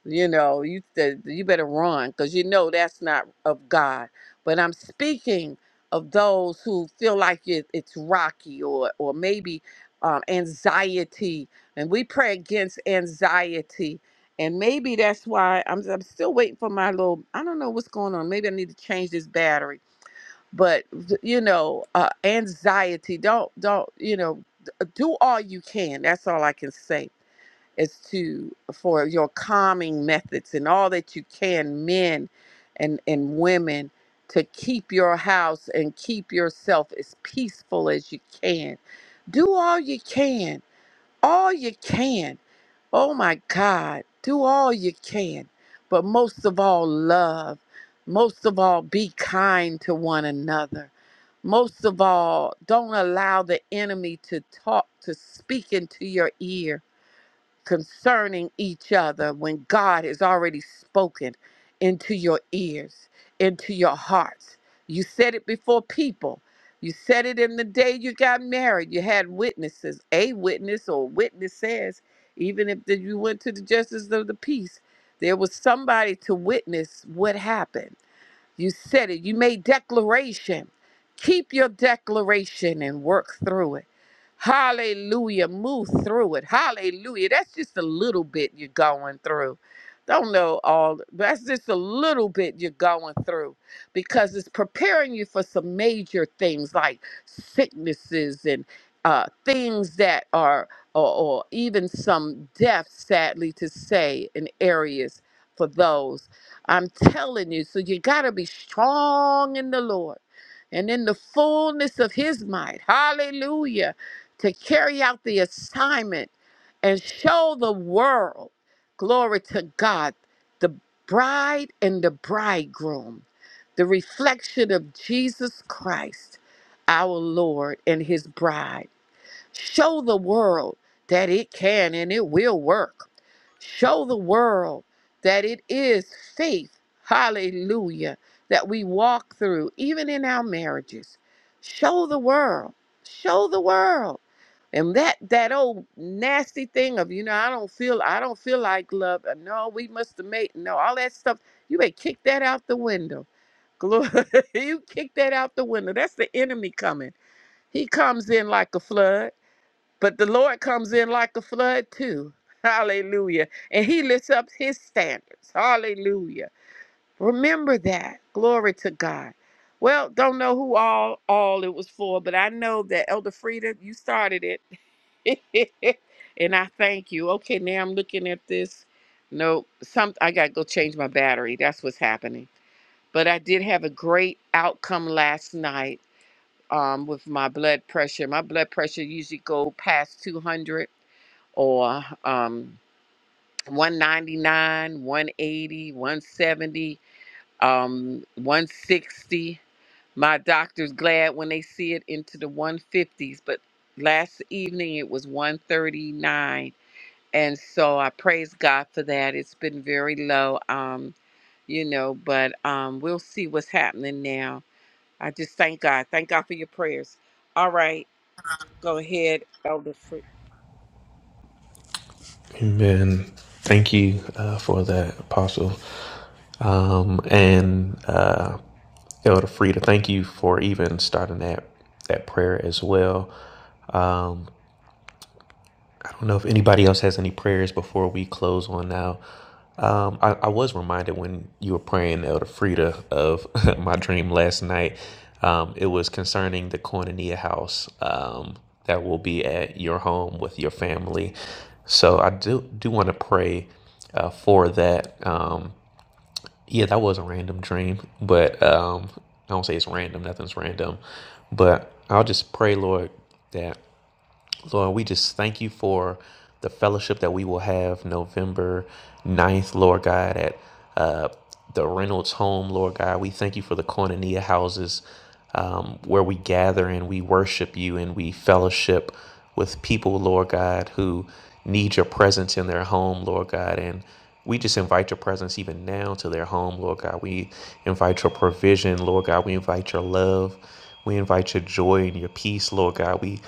You know, you, th- you better run because you know that's not of God. But I'm speaking of those who feel like it, it's rocky or, or maybe um, anxiety. And we pray against anxiety. And maybe that's why I'm, I'm still waiting for my little, I don't know what's going on. Maybe I need to change this battery but you know uh, anxiety don't don't you know do all you can that's all i can say is to for your calming methods and all that you can men and and women to keep your house and keep yourself as peaceful as you can do all you can all you can. Oh my God, do all you can. But most of all, love. Most of all, be kind to one another. Most of all, don't allow the enemy to talk, to speak into your ear concerning each other when God has already spoken into your ears, into your hearts. You said it before people. You said it in the day you got married. You had witnesses, a witness or witness says, even if that you went to the justice of the peace, there was somebody to witness what happened you said it. You made declaration. Keep your declaration and work through it. Hallelujah. Move through it. Hallelujah. That's just a little bit you're going through. Don't know all. That's just a little bit you're going through because it's preparing you for some major things like sicknesses and uh, things that are, or, or even some death, sadly to say, in areas for those. I'm telling you. So you got to be strong in the Lord and in the fullness of his might. Hallelujah. To carry out the assignment and show the world, glory to God, the bride and the bridegroom, the reflection of Jesus Christ, our Lord and his bride. Show the world that it can and it will work. Show the world that it is faith, hallelujah, that we walk through, even in our marriages. Show the world. Show the world. And that that old nasty thing of, you know, I don't feel I don't feel like love. uh, No, we must have made no, all that stuff. You may kick that out the window. Glory. you kick that out the window. That's the enemy coming. He comes in like a flood but the Lord comes in like a flood too. Hallelujah. And he lifts up his standards. Hallelujah. Remember that. Glory to God. Well, don't know who all all it was for, but I know that Elder Frida, you started it. and I thank you. Okay, now I'm looking at this. Nope, some I gotta go change my battery. That's what's happening. But I did have a great outcome last night um, with my blood pressure. My blood pressure usually go past 200 or um, 199, 180, 170, um, 160. My doctor's glad when they see it into the 150s, but last evening it was 139. And so I praise God for that. It's been very low, um, you know, but um, we'll see what's happening now. I just thank God. Thank God for your prayers. All right, go ahead, Elder. Free.
Amen. Thank you uh, for that, Apostle, um, and uh, Elder Frida. Thank you for even starting that that prayer as well. I don't know if anybody else has any prayers before we close on now. Um, I, I was reminded when you were praying, Elder Frida, of my dream last night. Um, it was concerning the Koinonia house um, that will be at your home with your family. So I do do want to pray uh, for that. Um, yeah, that was a random dream, but um, I don't say it's random. Nothing's random, but I'll just pray, Lord, that Lord, we just thank you for the fellowship that we will have November ninth, Lord God, at uh, the Reynolds home, Lord God. We thank you for the Koinonia houses um, where we gather and we worship you and we fellowship with people, Lord God, who need your presence in their home, Lord God. And we just invite your presence even now to their home, Lord God. We invite your provision, Lord God. We invite your love. We invite your joy and your peace, Lord God. We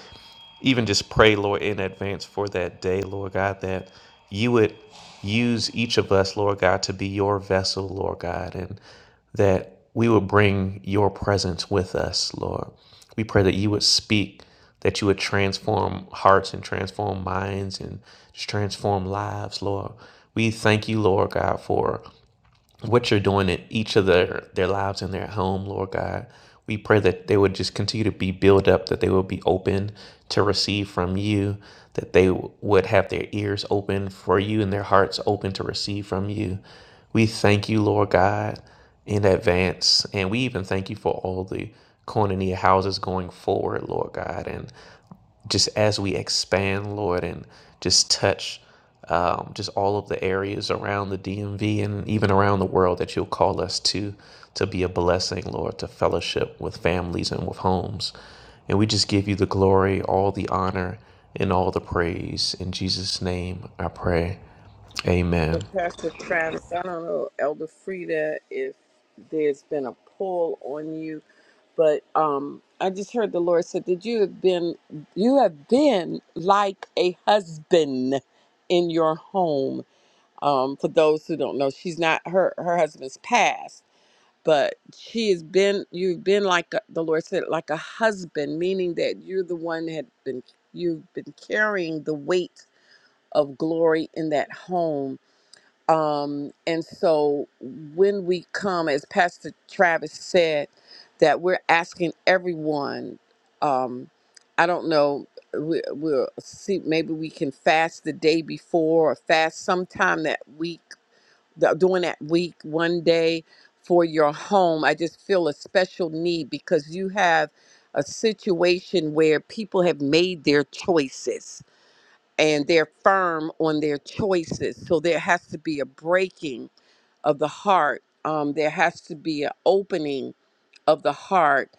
even just pray, Lord, in advance for that day, Lord God, that you would use each of us, Lord God, to be your vessel, Lord God, and that we would bring your presence with us, Lord. We pray that you would speak, that you would transform hearts and transform minds and just transform lives, Lord. We thank you, Lord God, for what you're doing in each of their, their lives and their home, Lord God. We pray that they would just continue to be built up, that they would be open to receive from you, that they would have their ears open for you and their hearts open to receive from you. We thank you, Lord God, in advance. And we even thank you for all the Koinonia houses going forward, Lord God. And just as we expand, Lord, and just touch um, just all of the areas around the DMV and even around the world that you'll call us to, to be a blessing, Lord, to fellowship with families and with homes. And we just give you the glory, all the honor, and all the praise. In Jesus' name, I pray.
And
Amen.
Pastor Travis, I don't know, Elder Frida, if there's been a pull on you, but um, I just heard the Lord said that you have been, you have been like a husband in your home. Um, for those who don't know, she's not her her husband's passed, but she has been. You've been like a, the Lord said, like a husband, meaning that you're the one that had been. You've been carrying the weight of glory in that home um, and so when we come, as Pastor Travis said, that we're asking everyone, um, I don't know, we, we'll see, maybe we can fast the day before or fast sometime that week, th- during that week, one day for your home. I just feel a special need because you have a situation where people have made their choices and they're firm on their choices. So there has to be a breaking of the heart. Um, there has to be an opening of the heart.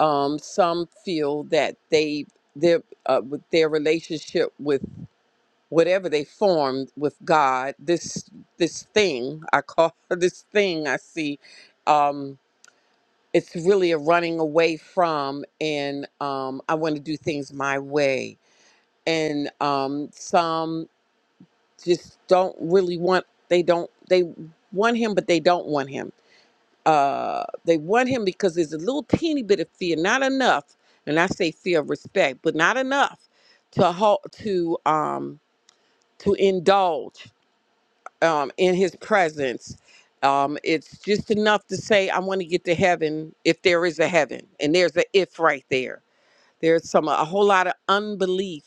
Um, some feel that they their uh, with their relationship with whatever they formed with God, this this thing I call this thing I see. Um, it's really a running away from, and um, I want to do things my way and um, some just don't really want they don't they want him but they don't want him uh they want him because there's a little teeny bit of fear not enough and i say fear of respect but not enough to halt to um to indulge um in his presence um it's just enough to say i want to get to heaven if there is a heaven and there's a if right there there's some a whole lot of unbelief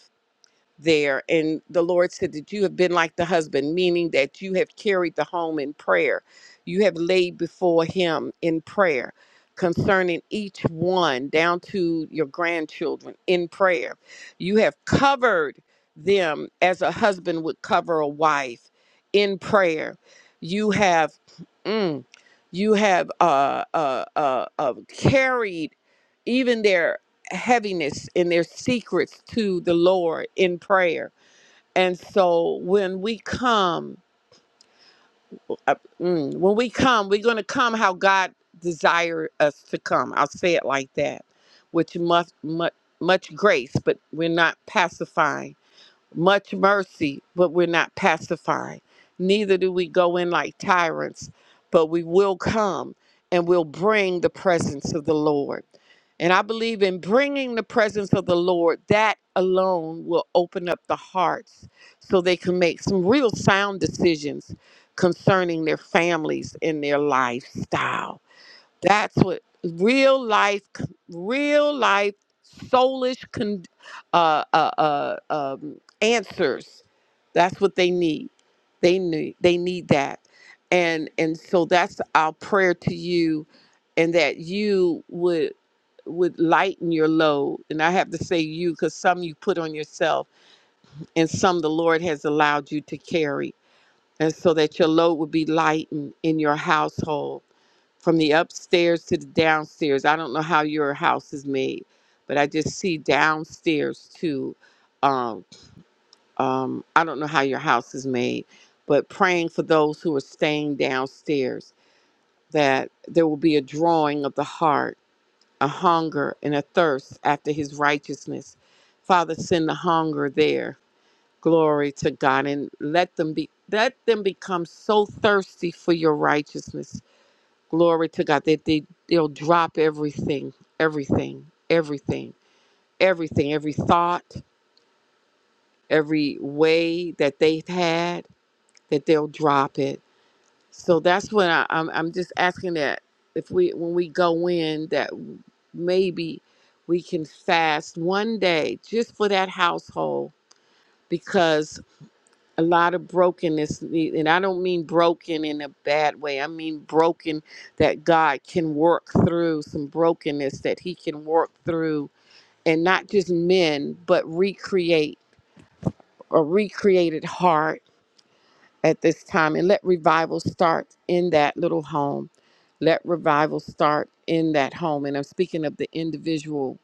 there. And the Lord said that you have been like the husband, meaning that you have carried the home in prayer. You have laid before him in prayer concerning each one down to your grandchildren in prayer. You have covered them as a husband would cover a wife in prayer. You have, mm, you have uh, uh, uh, uh, carried even their heaviness and their secrets to the Lord in prayer. And so when we come, uh, mm, when we come, we're going to come how God desired us to come. I'll say it like that, which much, much, much grace, but we're not pacifying much mercy, but we're not pacified. Neither do we go in like tyrants, but we will come and we'll bring the presence of the Lord. And I believe in bringing the presence of the Lord, that alone will open up the hearts so they can make some real sound decisions concerning their families and their lifestyle. That's what real life, real life, soulish con, uh, uh, uh, um, answers. That's what they need. They need. They need that. And and so that's our prayer to you, and that you would would lighten your load. And I have to say you because some you put on yourself, and some the Lord has allowed you to carry. And so that your load would be lightened in your household from the upstairs to the downstairs. I don't know how your house is made, but I just see downstairs too. Um, um, I don't know how your house is made, but praying for those who are staying downstairs that there will be a drawing of the heart, a hunger and a thirst after his righteousness. Father, send the hunger there. Glory to God and let them be let them become so thirsty for your righteousness Glory to God. That they, they'll drop everything, everything, everything, everything, every thought, every way that they've had, that they'll drop it. So that's when I, I'm, I'm just asking that if we, when we go in, that maybe we can fast one day just for that household because a lot of brokenness and i don't mean broken in a bad way i mean broken that god can work through some brokenness that he can work through and not just men but recreate a recreated heart at this time and let revival start in that little home let revival start in that home and i'm speaking of the individual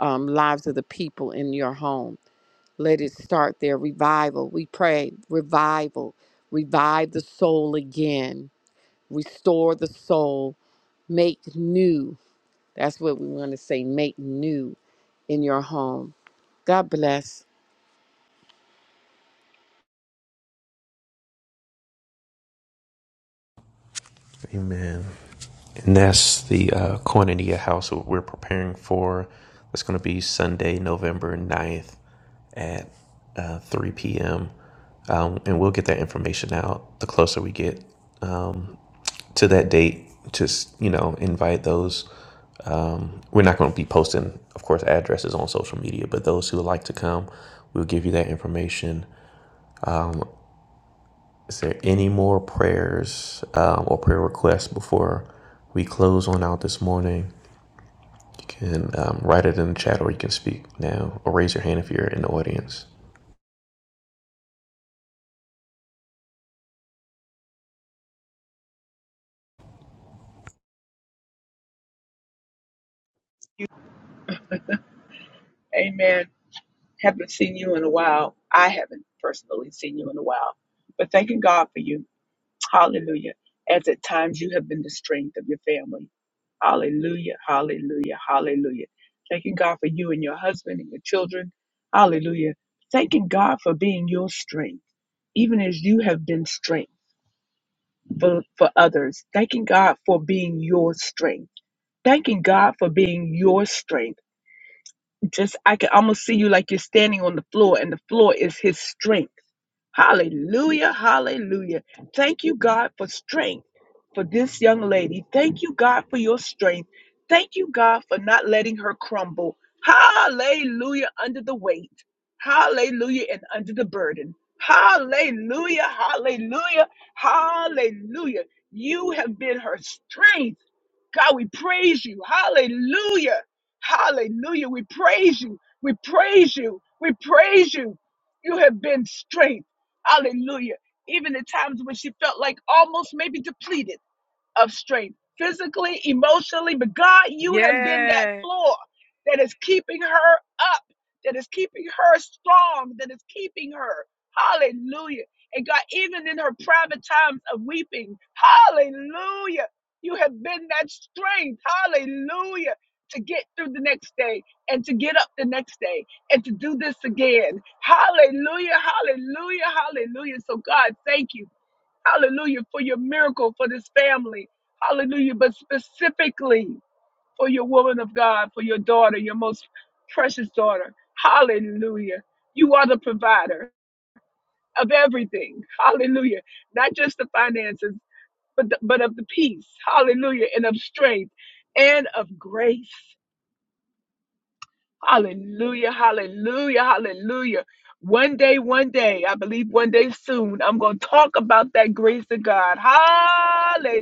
um, lives of the people in your home let it start there. Revival. We pray revival. Revive the soul again. Restore the soul. Make new. That's what we want to say. Make new in your home. God bless.
Amen. And that's the uh, Koinonia house that we're preparing for. That's going to be Sunday, November ninth, at uh, 3 p.m. Um, and we'll get that information out the closer we get to that date. Just, you know, invite those. We're not going to be posting, of course, addresses on social media, but those who would like to come, we'll give you that information. Is there any more prayers um, or prayer requests before we close on out this morning? can um, write it in the chat or you can speak now or raise your hand if you're in the audience.
Amen. Haven't seen you in a while. I haven't personally seen you in a while, but thanking God for you. Hallelujah. As at times you have been the strength of your family. Hallelujah. Hallelujah. Hallelujah. Thanking God for you and your husband and your children. Hallelujah. Thanking God for being your strength, even as you have been strength for, for others. Thanking God for being your strength. Thanking God for being your strength. Just, I can almost see you like you're standing on the floor and the floor is his strength Hallelujah. Hallelujah. Thank you, God, for strength for this young lady. Thank you, God, for your strength. Thank you, God, for not letting her crumble. Hallelujah. Under the weight. Hallelujah. And under the burden. Hallelujah. Hallelujah. Hallelujah. You have been her strength. God, we praise you. Hallelujah. Hallelujah. We praise you. We praise you. We praise you. You have been strength. Hallelujah. Even the times when she felt like almost maybe depleted of strength, physically, emotionally. But God, you have been that
Yeah.
floor that is keeping her up, that is keeping her strong, that is keeping her. Hallelujah. And God, even in her private times of weeping, hallelujah, you have been that strength, hallelujah, to get through the next day and to get up the next day and to do this again. Hallelujah, hallelujah, hallelujah. So, God, thank you. Hallelujah. For your miracle, for this family. Hallelujah. But specifically for your woman of God, for your daughter, your most precious daughter. Hallelujah. You are the provider of everything. Hallelujah. Not just the finances, but, the, but of the peace. Hallelujah. And of strength and of grace. Hallelujah, hallelujah, hallelujah. One day, one day, I believe one day soon, I'm going to talk about that grace of God. Hallelujah,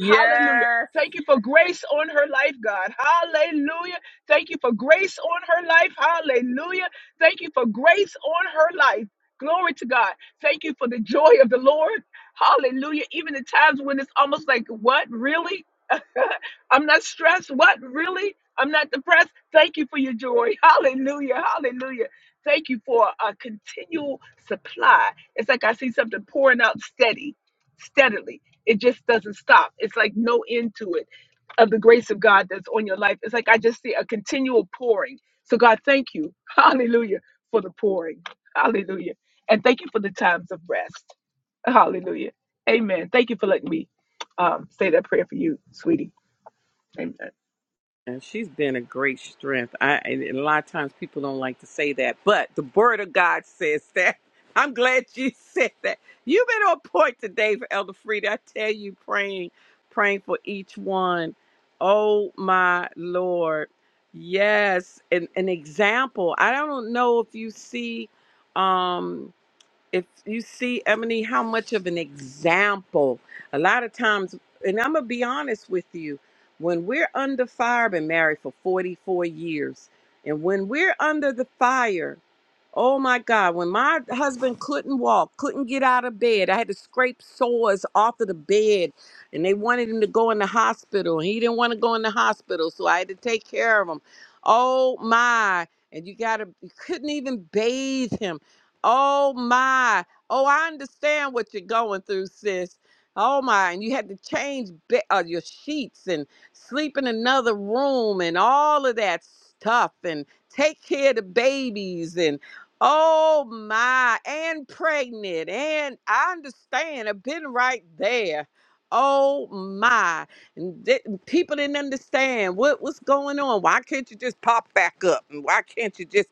hallelujah. Thank you for grace on her life, God. Hallelujah. Thank you for grace on her life. Hallelujah. Thank you for grace on her life. Glory to God. Thank you for the joy of the Lord. Hallelujah. Even the times when it's almost like, what? Really? I'm not stressed. What? Really? I'm not depressed. Thank you for your joy. Hallelujah. Hallelujah. Thank you for a continual supply. It's like I see something pouring out steady, steadily. It just doesn't stop. It's like no end to it of the grace of God that's on your life. It's like I just see a continual pouring. So, God, thank you. Hallelujah for the pouring. Hallelujah. And thank you for the times of rest. Hallelujah. Amen. Thank you for letting me um, say that prayer for you, sweetie. Amen.
And she's been a great strength. I and a lot of times people don't like to say that, but the word of God says that. I'm glad you said that. You've been on point today for Elder Frida. I tell you, praying, praying for each one. Oh my Lord. Yes. An an example. I don't know if you see um if you see Emily, how much of an example a lot of times, and I'm gonna be honest with you, when we're under fire, I've been married for 44 years, and when we're under the fire. Oh my God, when my husband couldn't walk, couldn't get out of bed, I had to scrape sores off of the bed and they wanted him to go in the hospital and he didn't want to go in the hospital, so I had to take care of him. Oh my. And you got to, you couldn't even bathe him. Oh my. Oh, I understand what you're going through, sis. Oh my. And you had to change be- uh, your sheets and sleep in another room and all of that stuff and take care of the babies and Oh my, and pregnant, and I understand. I've been right there. Oh my, And th- people didn't understand what what's going on. Why can't you just pop back up? And why can't you just?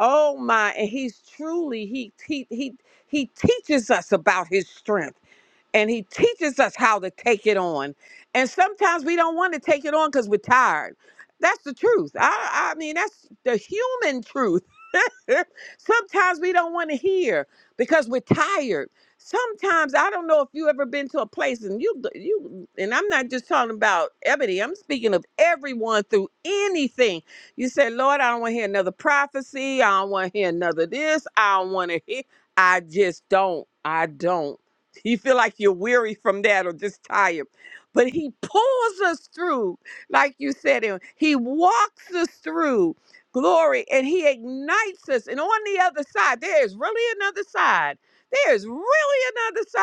Oh my, and he's truly he he he he teaches us about his strength and he teaches us how to take it on. And sometimes we don't want to take it on because we're tired. That's the truth. I, I mean, that's the human truth. sometimes we don't want to hear because we're tired. Sometimes I don't know if you ever been to a place and you you and I'm not just talking about Ebony. I'm speaking of everyone through anything. You say, Lord, I don't want to hear another prophecy. I don't want to hear another this. I don't want to hear. I just don't. I don't you feel like you're weary from that or just tired. But he pulls us through, like you said, and he walks us through glory and he ignites us. And on the other side, there is really another side. There is really another side.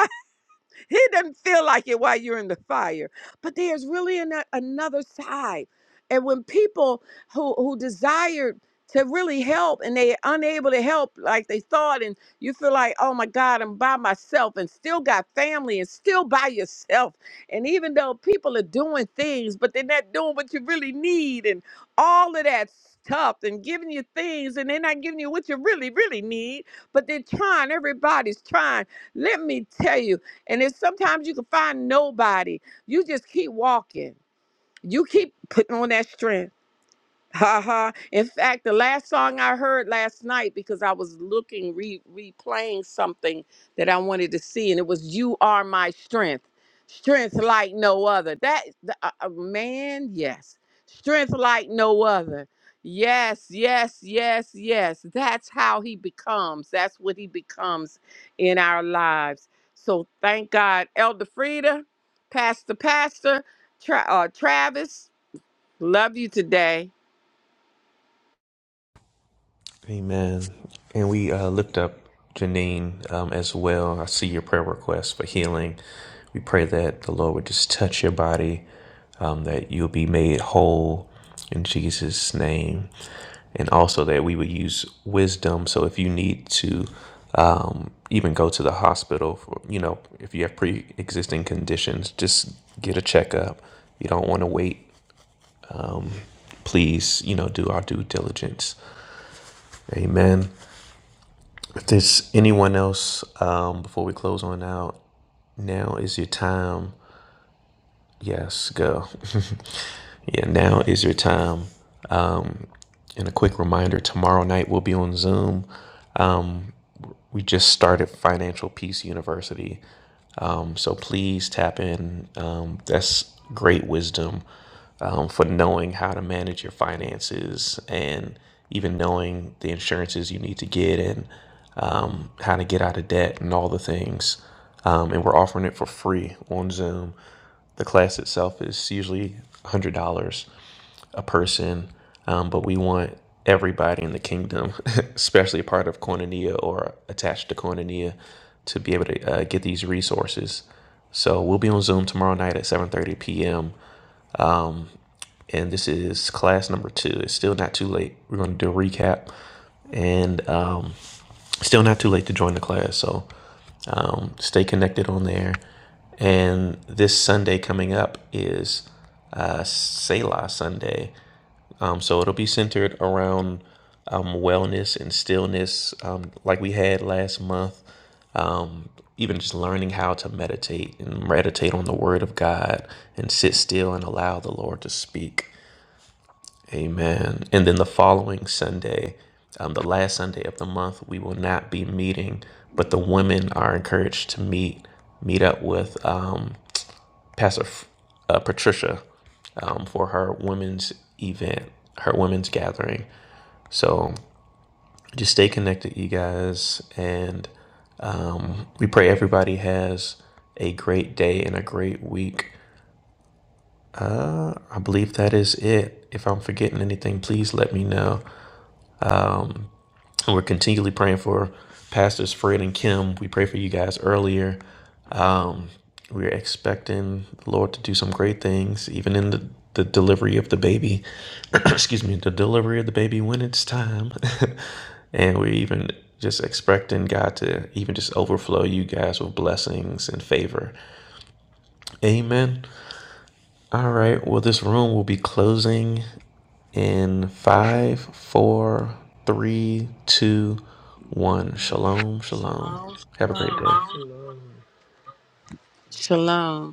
It doesn't feel like it while you're in the fire. But there's really an, another side. And when people who, who desired to really help and they're unable to help like they thought, and you feel like, oh my God, I'm by myself and still got family and still by yourself. And even though people are doing things, but they're not doing what you really need and all of that stuff and giving you things and they're not giving you what you really, really need, but they're trying. Everybody's trying. Let me tell you, and if sometimes you can find nobody, you just keep walking. You keep putting on that strength. Haha. In fact, the last song I heard last night because I was looking re replaying something that I wanted to see, and it was "You Are My Strength," strength like no other. That the- uh, uh, man, yes, strength like no other. Yes, yes, yes, yes. That's how he becomes. That's what he becomes in our lives. So thank God, Elder Frida, Pastor, Pastor, Tra- uh, Travis. Love you today.
Amen. And we uh, lift up Janine um, as well. I see your prayer request for healing. We pray that the Lord would just touch your body, um, that you'll be made whole in Jesus' name. And also that we would use wisdom. So if you need to um, even go to the hospital, for, you know, if you have pre existing conditions, just get a checkup. You don't want to wait please, you know, do our due diligence. Amen. If there's anyone else, um, before we close on out, now is your time. Yes, go. yeah, now is your time. Um, and a quick reminder tomorrow night we'll be on Zoom. Um. we just started Financial Peace University. Um, so please tap in. Um, that's great wisdom um, for knowing how to manage your finances and even knowing the insurances you need to get and um, how to get out of debt and all the things. Um, and we're offering it for free on Zoom. The class itself is usually $100 a person, um, but we want everybody in the kingdom, especially a part of Koinonia or attached to Koinonia, to be able to uh, get these resources. So we'll be on Zoom tomorrow night at 7:30 p.m and this is class number two. It's still not too late. We're going to do a recap, and um, still not too late to join the class. So um, stay connected on there. And this Sunday coming up is uh, Selah Sunday. Um, so it'll be centered around um, wellness and stillness, um, like we had last month. Um, even just learning how to meditate and meditate on the Word of God and sit still and allow the Lord to speak. Amen. And then the following Sunday, um, the last Sunday of the month, we will not be meeting, but the women are encouraged to meet, meet up with um, Pastor F- uh, Patricia um, for her women's event, her women's gathering. So just stay connected, you guys. And um, we pray everybody has a great day and a great week. I believe that is it. If I'm forgetting anything, please let me know. We're continually praying for pastors Fred and Kim. We pray for you guys earlier. Um, we're expecting the Lord to do some great things, even in the, the delivery of the baby. Excuse me, the delivery of the baby when it's time. and we're even just expecting God to even just overflow you guys with blessings and favor. Amen. All right. Well, this room will be closing in five, four, three, two, one. Shalom, shalom. Have a great day.
Shalom.